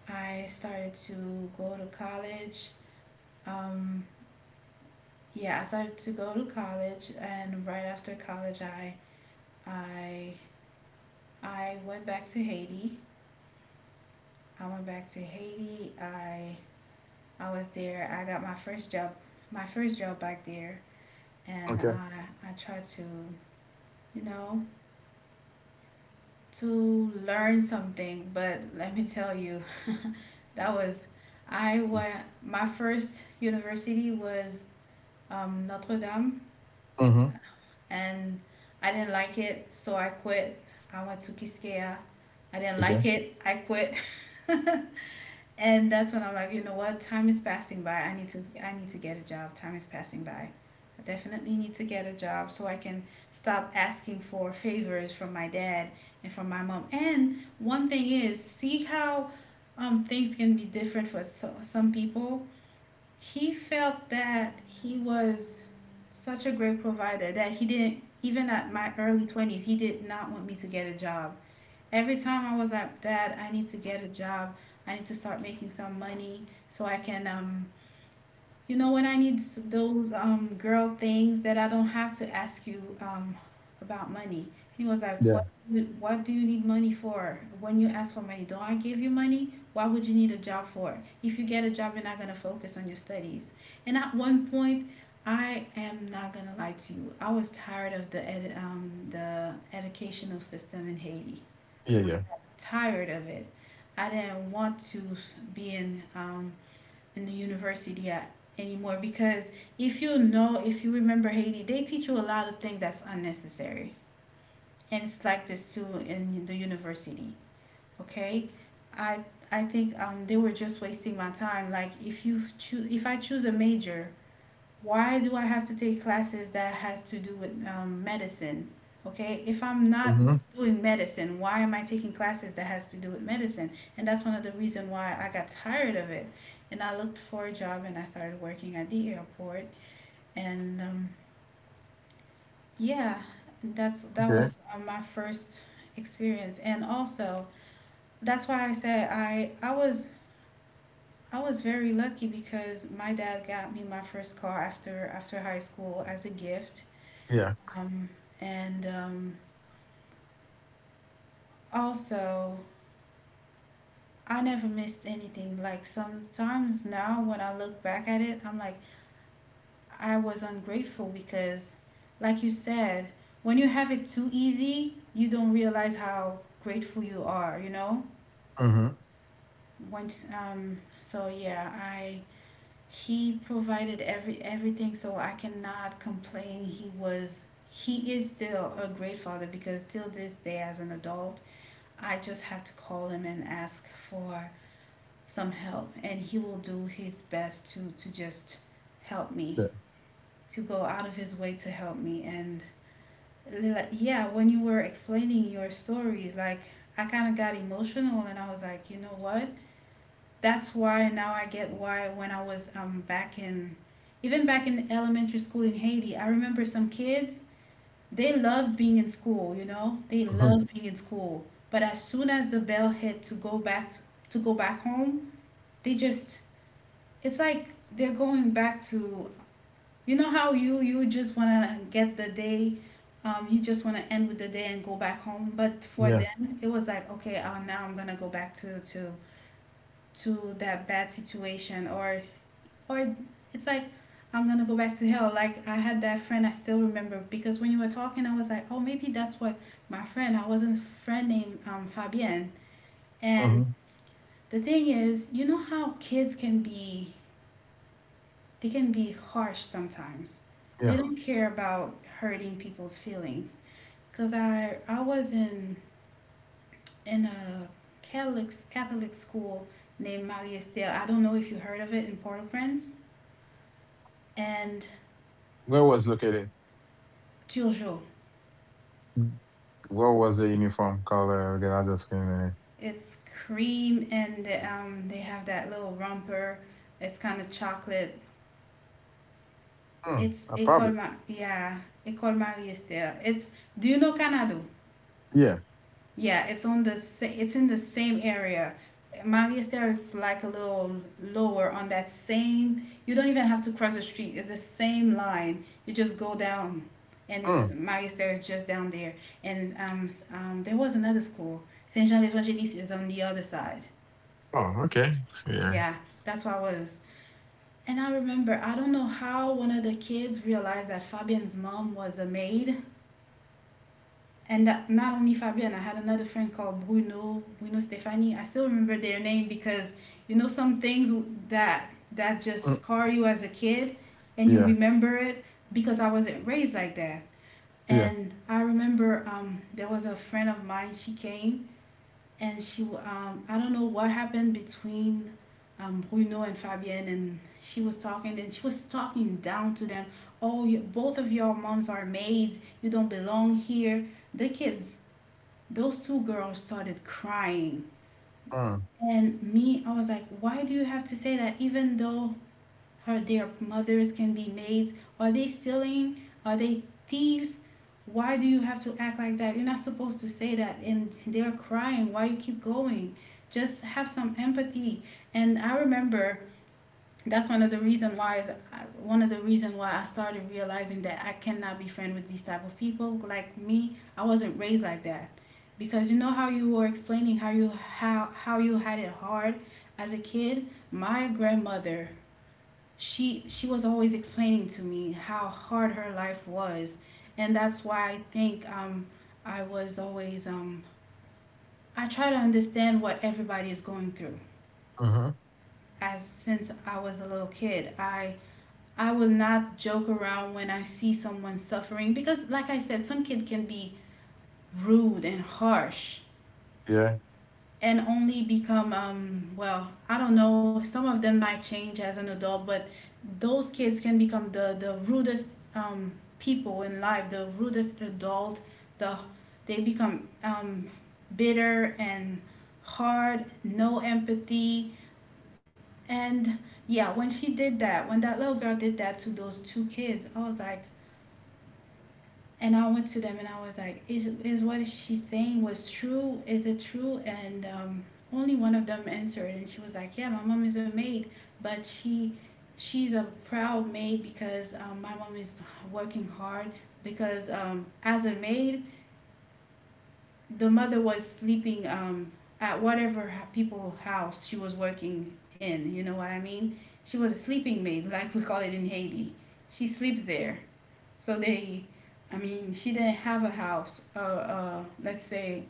A: I started to go to college. Um, yeah, I started to go to college, and right after college, I I went back to Haiti. I went back to Haiti. I was there. I got my first job, back there, and
B: Okay.
A: I tried to, you know, to learn something. But let me tell you, [laughs] that was, I went, my first university was, Notre Dame,
B: Mm-hmm.
A: and I didn't like it, so I quit. I went to Kiskeya. I didn't like
B: Okay.
A: it, I quit. [laughs] And that's when I'm like, you know what? Time is passing by. I need to get a job. Time is passing by. I definitely need to get a job so I can stop asking for favors from my dad and from my mom. And one thing is, see how, things can be different for some people. He felt that he was such a great provider that he didn't even, at my early 20s, he did not want me to get a job. Every time I was like, Dad, I need to get a job. I need to start making some money so I can, you know, when I need those, girl things, that I don't have to ask you, about money. He was like, what,
B: Yeah.
A: do you need money for? When you ask for money, don't I give you money? Why would you need a job for? If you get a job, you're not going to focus on your studies. And at one point, I am not gonna lie to you. I was tired of the educational system in Haiti,
B: Yeah. Yeah.
A: tired of it. I didn't want to be in the university at, anymore because if you know, if you remember Haiti, they teach you a lot of things that's unnecessary, and it's like this too in the university. Okay, I I think they were just wasting my time. Like if you choose, if I choose a major, why do I have to take classes that has to do with medicine? Okay, if I'm not
B: Mm-hmm.
A: doing medicine, why am I taking classes that has to do with medicine? And that's one of the reason why I got tired of it. And I looked for a job and I started working at the airport. And yeah, that's that
B: Okay.
A: was uh, my first experience. And also, that's why I said I was very lucky because my dad got me my first car after high school as a gift.
B: Yeah.
A: Um, and also, I never missed anything. Like sometimes now, when I look back at it, I'm like, I was ungrateful because, like you said, when you have it too easy, you don't realize how grateful you are.
B: Mm-hmm.
A: When so yeah, I he provided everything, so I cannot complain. He was he is still a great father because till this day, as an adult, I just have to call him and ask for some help, and he will do his best to just help me,
B: Yeah.
A: to go out of his way to help me. And yeah, when you were explaining your stories, like I kind of got emotional, and I was like, you know what? That's why now I get why when I was back in, even back in elementary school in Haiti, I remember some kids they love being in school, you know? They
B: Mm-hmm.
A: love being in school. But as soon as the bell hit to go back home, they just it's like they're going back to, you know how you you just want to get the day you just want to end with the day and go back home, but for
B: Yeah.
A: them it was like, okay, now I'm gonna go back to to that bad situation, or it's like I'm gonna go back to hell. Like I had that friend I still remember because when you were talking, I was like, oh, maybe that's what my friend. I wasn't friend named Fabienne. And
B: Mm-hmm.
A: the thing is, you know how kids can be, they can be harsh sometimes. They
B: Yeah.
A: don't care about hurting people's feelings. Cause I was in a Catholic school named Marie Estelle. I don't know if you heard of it in Port-au-Prince and
B: Where was located?
A: Turgot.
B: What was the uniform color? Again, I just can't remember.
A: It's cream and they have that little romper. It's kind of chocolate.
B: Hmm. I probably.
A: Yeah, Ecole Marie Estelle. It's do you know Canado?
B: Yeah.
A: Yeah, it's on the it's in the same area. Marie Estelle is like a little lower on that same. You don't even have to cross the street. It's the same line. You just go down, and this is
B: Mm.
A: Marie Estelle is just down there. And there was another school. Saint Jean l'Evangelist is on the other side.
B: Oh, okay. Yeah.
A: Yeah, that's where I was. And I remember, I don't know how one of the kids realized that Fabian's mom was a maid. And that not only Fabian, I had another friend called Bruno, Bruno Stefani. I still remember their name because you know some things that just
B: Mm.
A: scar you as a kid and you
B: Yeah.
A: remember it because I wasn't raised like that.
B: Yeah.
A: And I remember there was a friend of mine, she came and she I don't know what happened between Bruno and Fabienne, and she was talking and she was talking down to them. Oh, you, both of your moms are maids. You don't belong here. The kids, those two girls started crying.
B: Mm.
A: And me, I was like, why do you have to say that, even though are their mothers can be maids? Are they stealing? Are they thieves? Why do you have to act like that? You're not supposed to say that. And they're crying. Why you keep going? Just have some empathy. And I remember that's one of the reason why is one of the reason why I started realizing that I cannot be friend with these type of people. Like me, I wasn't raised like that. Because you know how you were explaining how you how you had it hard as a kid. My grandmother she was always explaining to me how hard her life was, and that's why I think I was always I try to understand what everybody is going through,
B: Huh.
A: as since I was a little kid, I will not joke around when I see someone suffering, because like I said some kid can be rude and harsh,
B: Yeah.
A: and only become well I don't know, some of them might change as an adult, but those kids can become the rudest um people in life, the rudest adult, the they become bitter and hard, no empathy. And yeah, when she did that, when that little girl did that to those two kids, I was like, and I went to them and I was like, is what she's saying was true? Is it true? And only one of them answered, and she was like, yeah, my mom is a maid, but she she's a proud maid because my mom is working hard, because as a maid, the mother was sleeping at whatever people house she was working in. You know what I mean? She was a sleeping maid, like we call it in Haiti. She sleeps there, so they, I mean, she didn't have a house. Let's say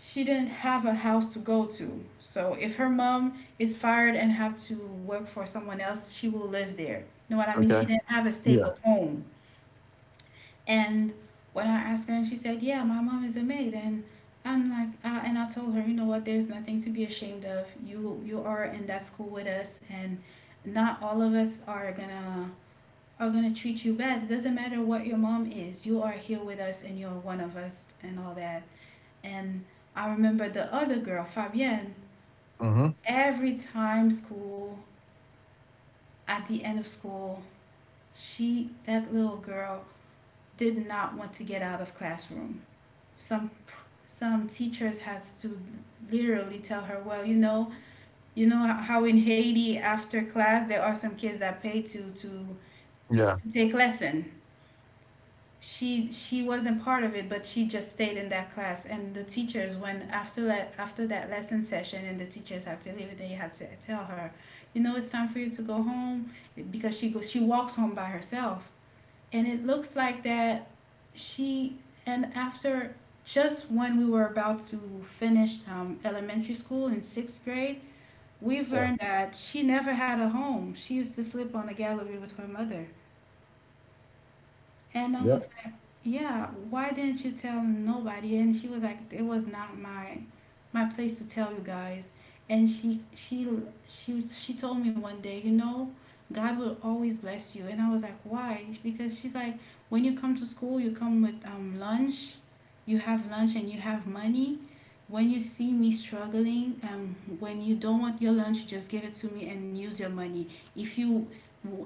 A: she didn't have a house to go to. So if her mom is fired and have to work for someone else, she will live there. You know what I mean? She
B: Okay.
A: didn't have a
B: Yeah.
A: stable home. And when I asked her, and she said, "Yeah, my mom is a maid," and I'm like, and I told her, you know what? There's nothing to be ashamed of. You are in that school with us, and not all of us are gonna are going to treat you bad. It doesn't matter what your mom is. You are here with us and you're one of us and all that. And I remember the other girl, Fabienne,
B: Mhm.
A: every time school, at the end of school, she, that little girl, did not want to get out of classroom. Some some teachers has to literally tell her, well, you know how in Haiti after class there are some kids that pay to to
B: Yeah.
A: to take lesson. She wasn't part of it, but she just stayed in that class, and the teachers, when after that lesson session and the teachers have to leave, they have to tell her, you know, it's time for you to go home, because she goes she walks home by herself. And it looks like that, she and after, just when we were about to finish elementary school in sixth grade, we've
B: Yeah.
A: learned that she never had a home, she used to sleep on a gallery with her mother. And I
B: Yeah.
A: was like, yeah, why didn't you tell nobody? And she was like, it was not my my place to tell you guys. And she told me one day, you know, God will always bless you. And I was like, why? Because she's like, when you come to school, you come with lunch, you have lunch and you have money. When you see me struggling, when you don't want your lunch, just give it to me and use your money. If you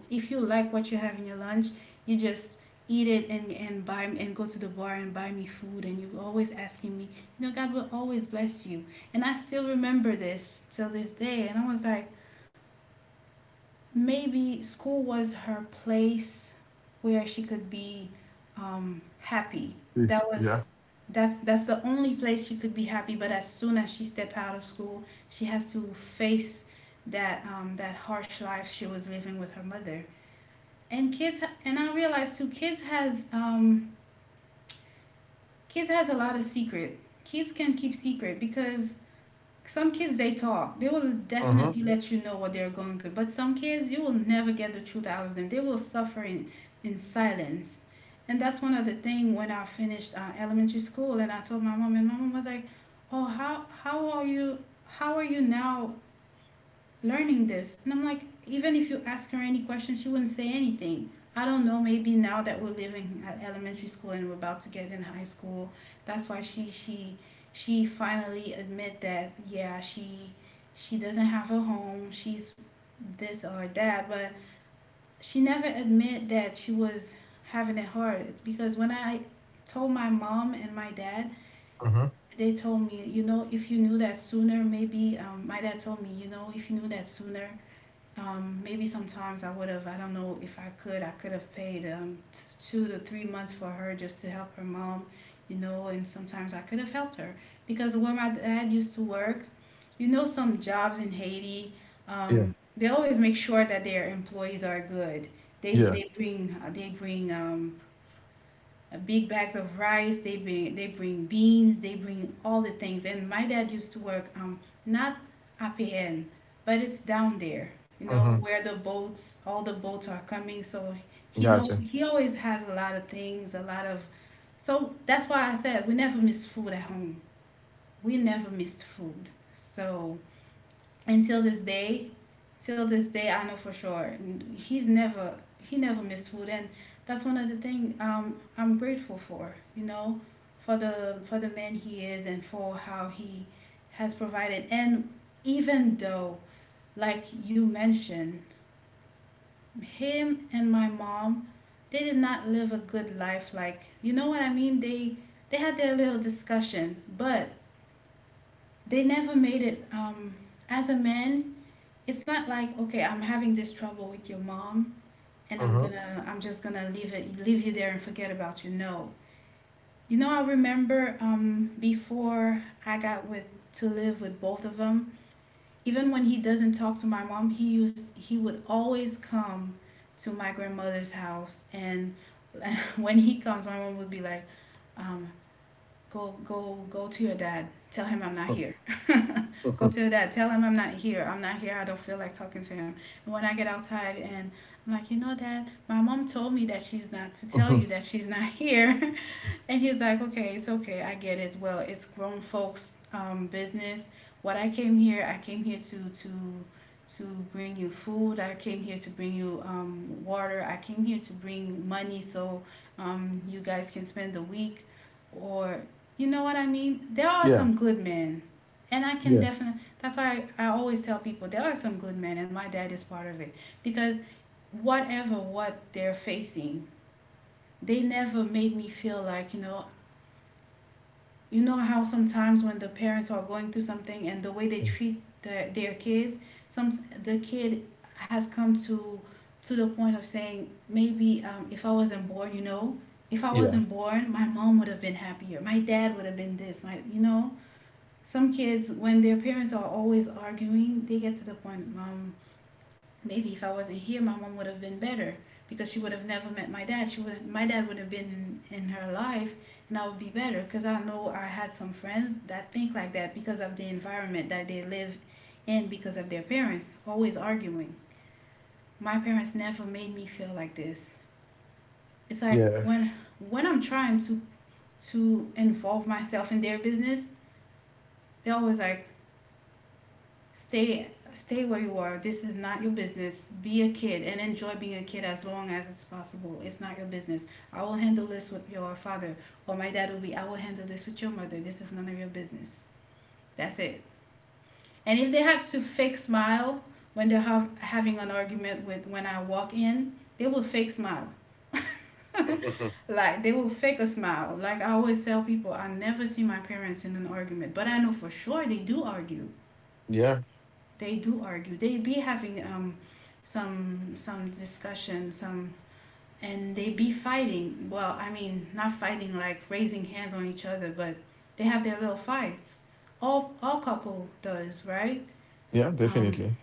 A: if you like what you have in your lunch, you just eat it and buy and go to the bar and buy me food, and you were always asking me, you know, God will always bless you. And I still remember this till this day, and I was like, maybe school was her place where she could be happy. That
B: This.
A: was
B: Yeah.
A: that's the only place she could be happy, but as soon as she stepped out of school she has to face that that harsh life she was living with her mother and kids. And I realized too, kids has a lot of secret. Kids can keep secret because some kids they talk. They will
B: Mhm.
A: definitely let you know what they're going through. But some kids you will never get the truth out of them. They will suffer in silence. And that's one of the thing when I finished elementary school and I told my mom, and my mom was like, "Oh, how are you now learning this. And I'm like, even if you ask her any question, she wouldn't say anything. I don't know, maybe now that we're living at elementary school and we're about to get in high school, that's why she finally admit that yeah, she doesn't have a home, she's this or that, but she never admit that she was having it hard because when I told my mom and my dad,
B: Mhm.
A: they told me, if you knew that sooner maybe, my dad told me, if you knew that sooner, maybe sometimes I would have, I don't know if I could have paid, 2 to 3 months for her just to help her mom, you know, and sometimes I could have helped her. Because where my dad used to work, some jobs in Haiti,
B: Yeah.
A: they always make sure that their employees are good. They,
B: Yeah.
A: they bring, they bring um, uh, big bags of rice. They bring beans. They bring all the things. And my dad used to work, not APN, but it's down there. You know
B: Mhm.
A: where the boats, all the boats are coming. So he's al-
B: Gotcha.
A: he always has a lot of things, a lot of. So that's why I said we never miss food at home. We never missed food. So, and till this day, till this day I know for sure he's never he never missed food, and that's one of the things, I'm grateful for, for the man he is, and for how he has provided. And even though, like you mentioned, him and my mom, they did not live a good life, like, you know what I mean? They had their little discussion, but they never made it, as a man. It's not like, okay, I'm having this trouble with your mom, and I'm
B: Mhm.
A: gonna I'm just gonna leave you there and forget about you. No. You know, I remember, before I got with to live with both of them, even when he doesn't talk to my mom, he would always come to my grandmother's house, and [laughs] when he comes, my mom would be like, um, go go to your dad. Tell him I'm not
B: Mm.
A: here. Go
B: Mhm.
A: to that. Tell him I'm not here. I'm not here. I don't feel like talking to him. And when I get outside and I'm like, you know, Dad, my mom told me that she's not, to tell
B: Mhm.
A: you that she's not [laughs] here. And he's like, okay, it's okay. I get it. Well, it's grown folks', business. What I came here to to bring you food. I came here to bring you, water. I came here to bring money, so, you guys can spend the week. Or, you know what I mean? There are
B: Yeah.
A: some good men, and I can
B: Yeah.
A: definitely. That's why, I always tell people, there are some good men, and my dad is part of it, because whatever what they're facing, they never made me feel like, you know how sometimes when the parents are going through something and the way they
B: Mm.
A: treat their kids, some, the kid has come to the point of saying, maybe, if I wasn't born, if I
B: Yeah.
A: wasn't born, my mom would have been happier. My dad would have been this. Some kids, when their parents are always arguing, they get to the point, mom, maybe if I wasn't here, my mom would have been better, because she would have never met my dad. She would, my dad would have been in her life, and I would be better, because I know I had some friends that think like that, because of the environment that they live in, because of their parents always arguing. My parents never made me feel like this. It's like
B: Yeah.
A: when I'm trying to involve myself in their business, they're always like, stay, stay where you are. This is not your business. Be a kid and enjoy being a kid as long as it's possible. It's not your business. I will handle this with your father, or my dad will be, I will handle this with your mother. This is none of your business. That's it. And if they have to fake smile when they're having an argument, with, when I walk in, they will fake smile. [laughs]
B: Mhm.
A: Like, they will fake a smile. Like, I always tell people, I never see my parents in an argument, but I know for sure they do argue.
B: Yeah.
A: They do argue. They be having, some discussion, some, and they be fighting. Well, I mean, not fighting like raising hands on each other, but they have their little fights. All couple does, right?
B: Yeah.
A: Um,
B: Definitely.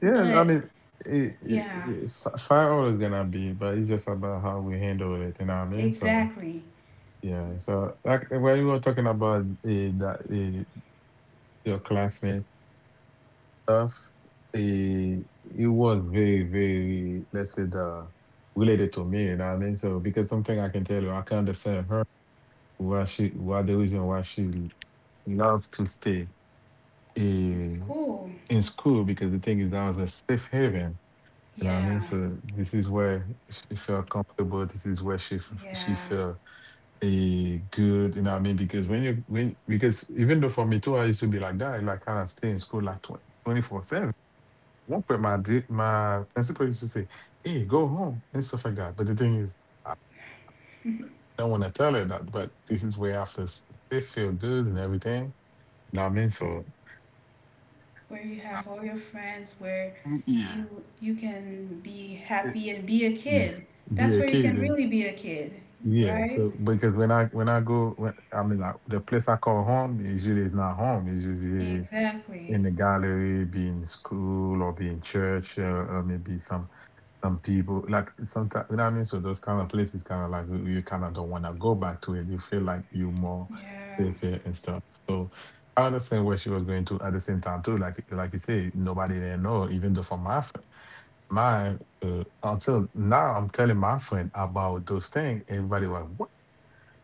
B: Yeah. I
A: but
B: mean,
A: yeah,
B: fire always gonna be, but it's just about how we handle it. You know what I mean? So.
A: exactly.
B: Yeah, so like when we were talking about that your classmate stuff. It was very, very, let's say, the, related to me. You know what I mean? So because something I can tell you, I can understand her why the reason why she loves to stay
A: In
B: in,
A: school,
B: in school because the thing is that was a safe haven. You know what I mean?
A: yeah,
B: So this is where she felt comfortable. This is where she
A: yeah,
B: felt a good. You know what I mean? Because when because even though for me too, I used to be like that. Like I stay in school like 24/7. One point my principal used to say, "Hey, go home" and stuff like that. But the thing is, I don't want to tell her that. But this is where I first they feel good and everything. You know what I mean? So
A: where you
B: I-
A: have all your friends, where
B: yeah,
A: you you can be
B: it-
A: happy and be a
B: mm,
A: kid.
B: be
A: That's
B: a
A: where you
B: kid
A: can
B: and
A: really be a kid,
B: yeah.
A: right?
B: So because when I go, when, I mean, like, the place I call home is usually is not home. It's usually in
A: Exactly.
B: the gallery, be in school or be in church, or maybe some. Some people like sometimes you know what I mean. So those kind of places, kind of like you kind of don't want to go back to it. You feel like you more
A: Yeah.
B: safe here and stuff. So I understand where she was going to at the same time too. Like you say, nobody didn't know. Even though for my friend, my until now, I'm telling my friend about those things. Everybody was what?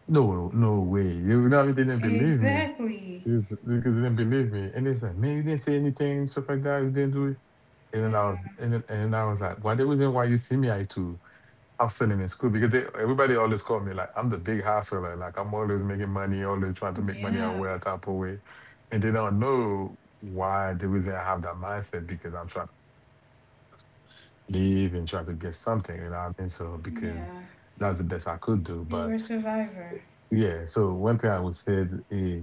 B: No, no way. You know, they didn't believe me.
A: Exactly.
B: Because they didn't believe me, and they said, "Man, you didn't say anything, stuff like that. You didn't do it." And
A: Yeah.
B: then I was, and then, and then I was like, "Why the reason why you see me I too?" Hustling in school because everybody always called me like I'm the big hustler. I'm always making money, always trying to make money out
A: Yeah.
B: of type of way. And they don't know why they reason I have that mindset because I'm trying to live and try to get something, you know what I mean? So because
A: Yeah.
B: that's the best I could do.
A: You
B: But
A: were a survivor.
B: yeah, so one thing I would say is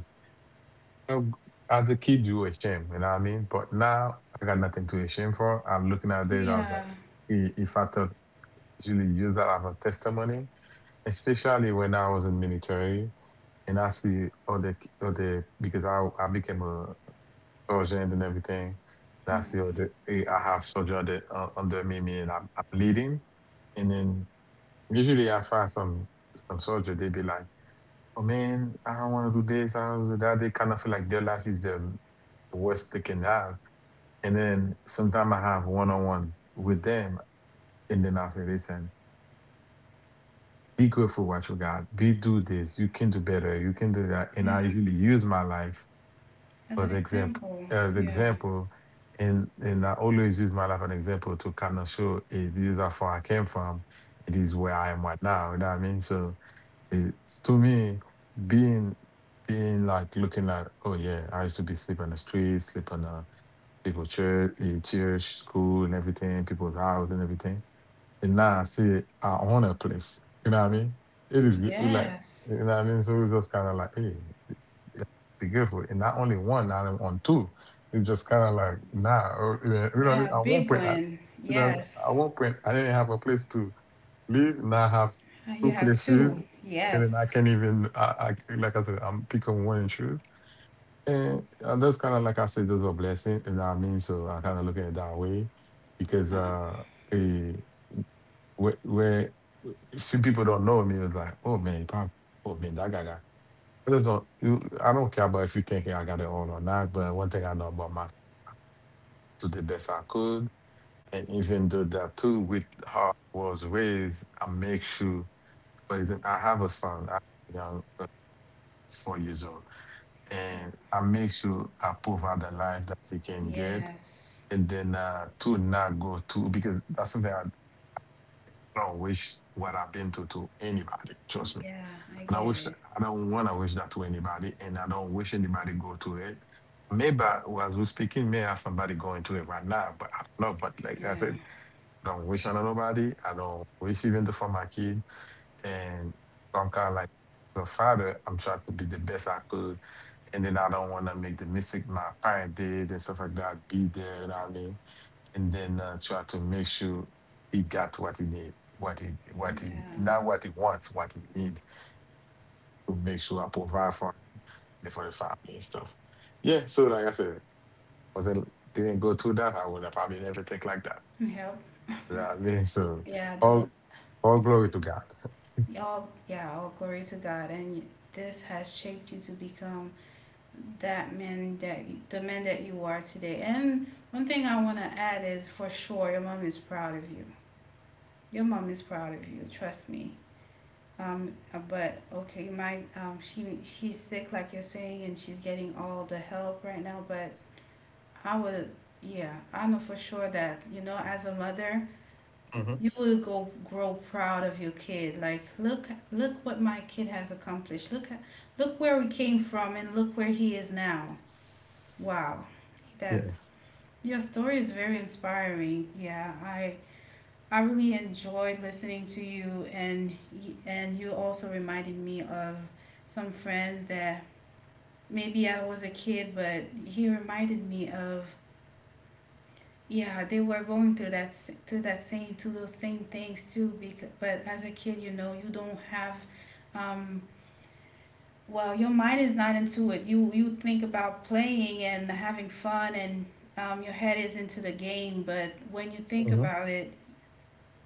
B: know, as a kid you were ashamed, you know what I mean? But now I got nothing to be ashamed for. I'm looking at this, I was like,
A: Yeah.
B: eh, if I thought really use that as a testimony, especially when I was in military and I see other because I became a sergeant and everything. And I see
A: Mm.
B: other I have soldier that under me and I'm leading, and then usually I find some soldier they be like, oh man, I don't want to do this, I don't wanna do that. They kind of feel like their life is the worst they can have, and then sometimes I have one on one with them, and then I say, listen. Be grateful what you got. Be do this. You can do better. You can do that. And I
A: Yeah.
B: usually use my life
A: As
B: for
A: an
B: the example.
A: example.
B: As
A: Yeah.
B: example, and I always use my life as an example to kind of show it is how far I came from. It is where I am right now. You know what I mean? So it's to me being being like looking at oh yeah, I used to be sleep on the street, sleep on the people church, church, school, and everything, people's house and everything and now I say I own a place. You know what I mean? It is good, like
A: Yes.
B: you know what I mean. So it's just kind of like, hey, be careful. And not only one, now I'm on two. It's just kind of like, nah, or, you know what I mean.
A: Yeah.
B: I won't
A: Big
B: print that.
A: win.
B: You know, I
A: Yes.
B: won't print. I didn't have a place to live. Now I have
A: You
B: two
A: have
B: places,
A: two.
B: and then I
A: Yes.
B: can't even. I like I said, I'm picking one and choose. And that's kind of like I said, that's a blessing. You know what I mean? So I kind of look at it that way because
A: Huh.
B: eh, where a few people don't know me. It's like, oh man, pop, oh man, that guy got. I just don't. I don't care about if you think I got it all or not. But one thing I know about my to the best I could, and even though that too with how I was raised, I make sure. For example, I have a son, I have a young, he's 4 years old, and I make sure I provide the life that he can get,
A: Yes.
B: and then to not go to because that's something I don't wish what I've been to anybody. Trust me.
A: Yeah. I
B: And I
A: get
B: wish
A: it.
B: I don't want to wish that to anybody, and I don't wish anybody go to it. As we're speaking, may have somebody going to it right now, but I don't know. But like I
A: Yeah.
B: said, I don't wish on nobody. I don't wish even for my kid. And I'm kind of like the father. I'm trying to be the best I could, and then I don't want to make the mistake my parent did and stuff like that. Be there, you know what I mean? And then try to make sure he got what he need,
A: Yeah.
B: not what he wants, what he need to make sure I provide for the family and stuff. Yeah, so like I said, was it didn't go through that, I would have probably never think like that.
A: Help.
B: You know what I mean?
A: [laughs]
B: So
A: Yeah. The
B: all all glory to God.
A: y'all. Yeah. All glory to God. And this has shaped you to become that man that the man that you are today. And one thing I want to add is, for sure, your mom is proud of you. Your mom is proud of you. Trust me. But okay, my, she's sick like you're saying, and she's getting all the help right now. But I would, yeah, I know for sure that, you know, as a mother,
B: Hmm.
A: you will go grow proud of your kid. Like, look, look what my kid has accomplished. Look, look where we came from, and look where he is now. Wow,
B: [laughs]
A: that's,
B: Yeah.
A: your story is very inspiring. Yeah, I really enjoyed listening to you, and and you also reminded me of some friends that, maybe I was a kid, but he reminded me of, yeah, they were going through that through that same, to those same things too. Because, but as a kid, you know, you don't have, um well, your mind is not into it. You think about playing and having fun, and, your head is into the game. But when you think
B: Hmm.
A: about it,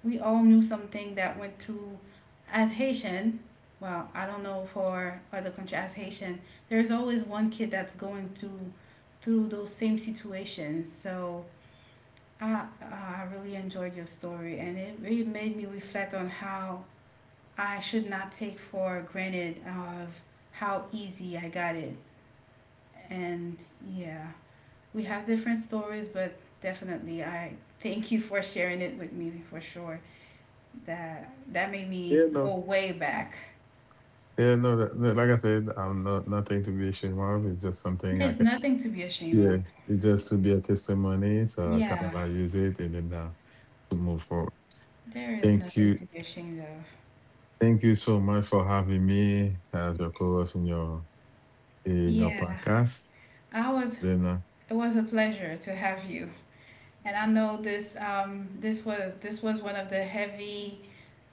A: we all knew something that went through, as Haitian. Well, I don't know for other country, as Haitian. There's always one kid that's going through, through those same situations. So I really enjoyed your story, and it really made me reflect on how I should not take for granted of how easy I got it. And yeah, we have different stories, but definitely I thank you for sharing it with me, for sure. That, that made me
B: Yeah,
A: go
B: no.
A: way back.
B: Yeah, no, like I said, I'm not nothing to be ashamed of. It's just something I
A: There's
B: can
A: nothing to be ashamed
B: yeah,
A: of.
B: it just to be a testimony. So I kinda
A: Yeah,
B: like use it and then to move forward.
A: there is
B: Thank
A: nothing
B: you.
A: to be ashamed of.
B: Thank you so much for having me as your co-host in your
A: Yeah,
B: podcast.
A: I was.
B: Then.
A: It was a pleasure to have you, and I know this. This was one of the heavy,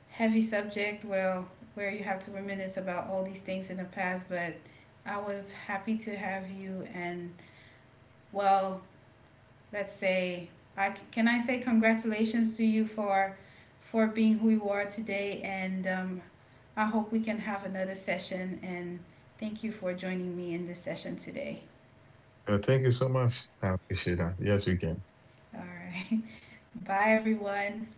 A: heavy subject. Well, where you have to reminisce about all these things in the past, but I was happy to have you, and, well, let's say, I can, I say congratulations to you for being who you are today, and, I hope we can have another session. And thank you for joining me in this session today.
B: Thank you so much. I appreciate that. Yes, we can.
A: All right, [laughs] bye everyone.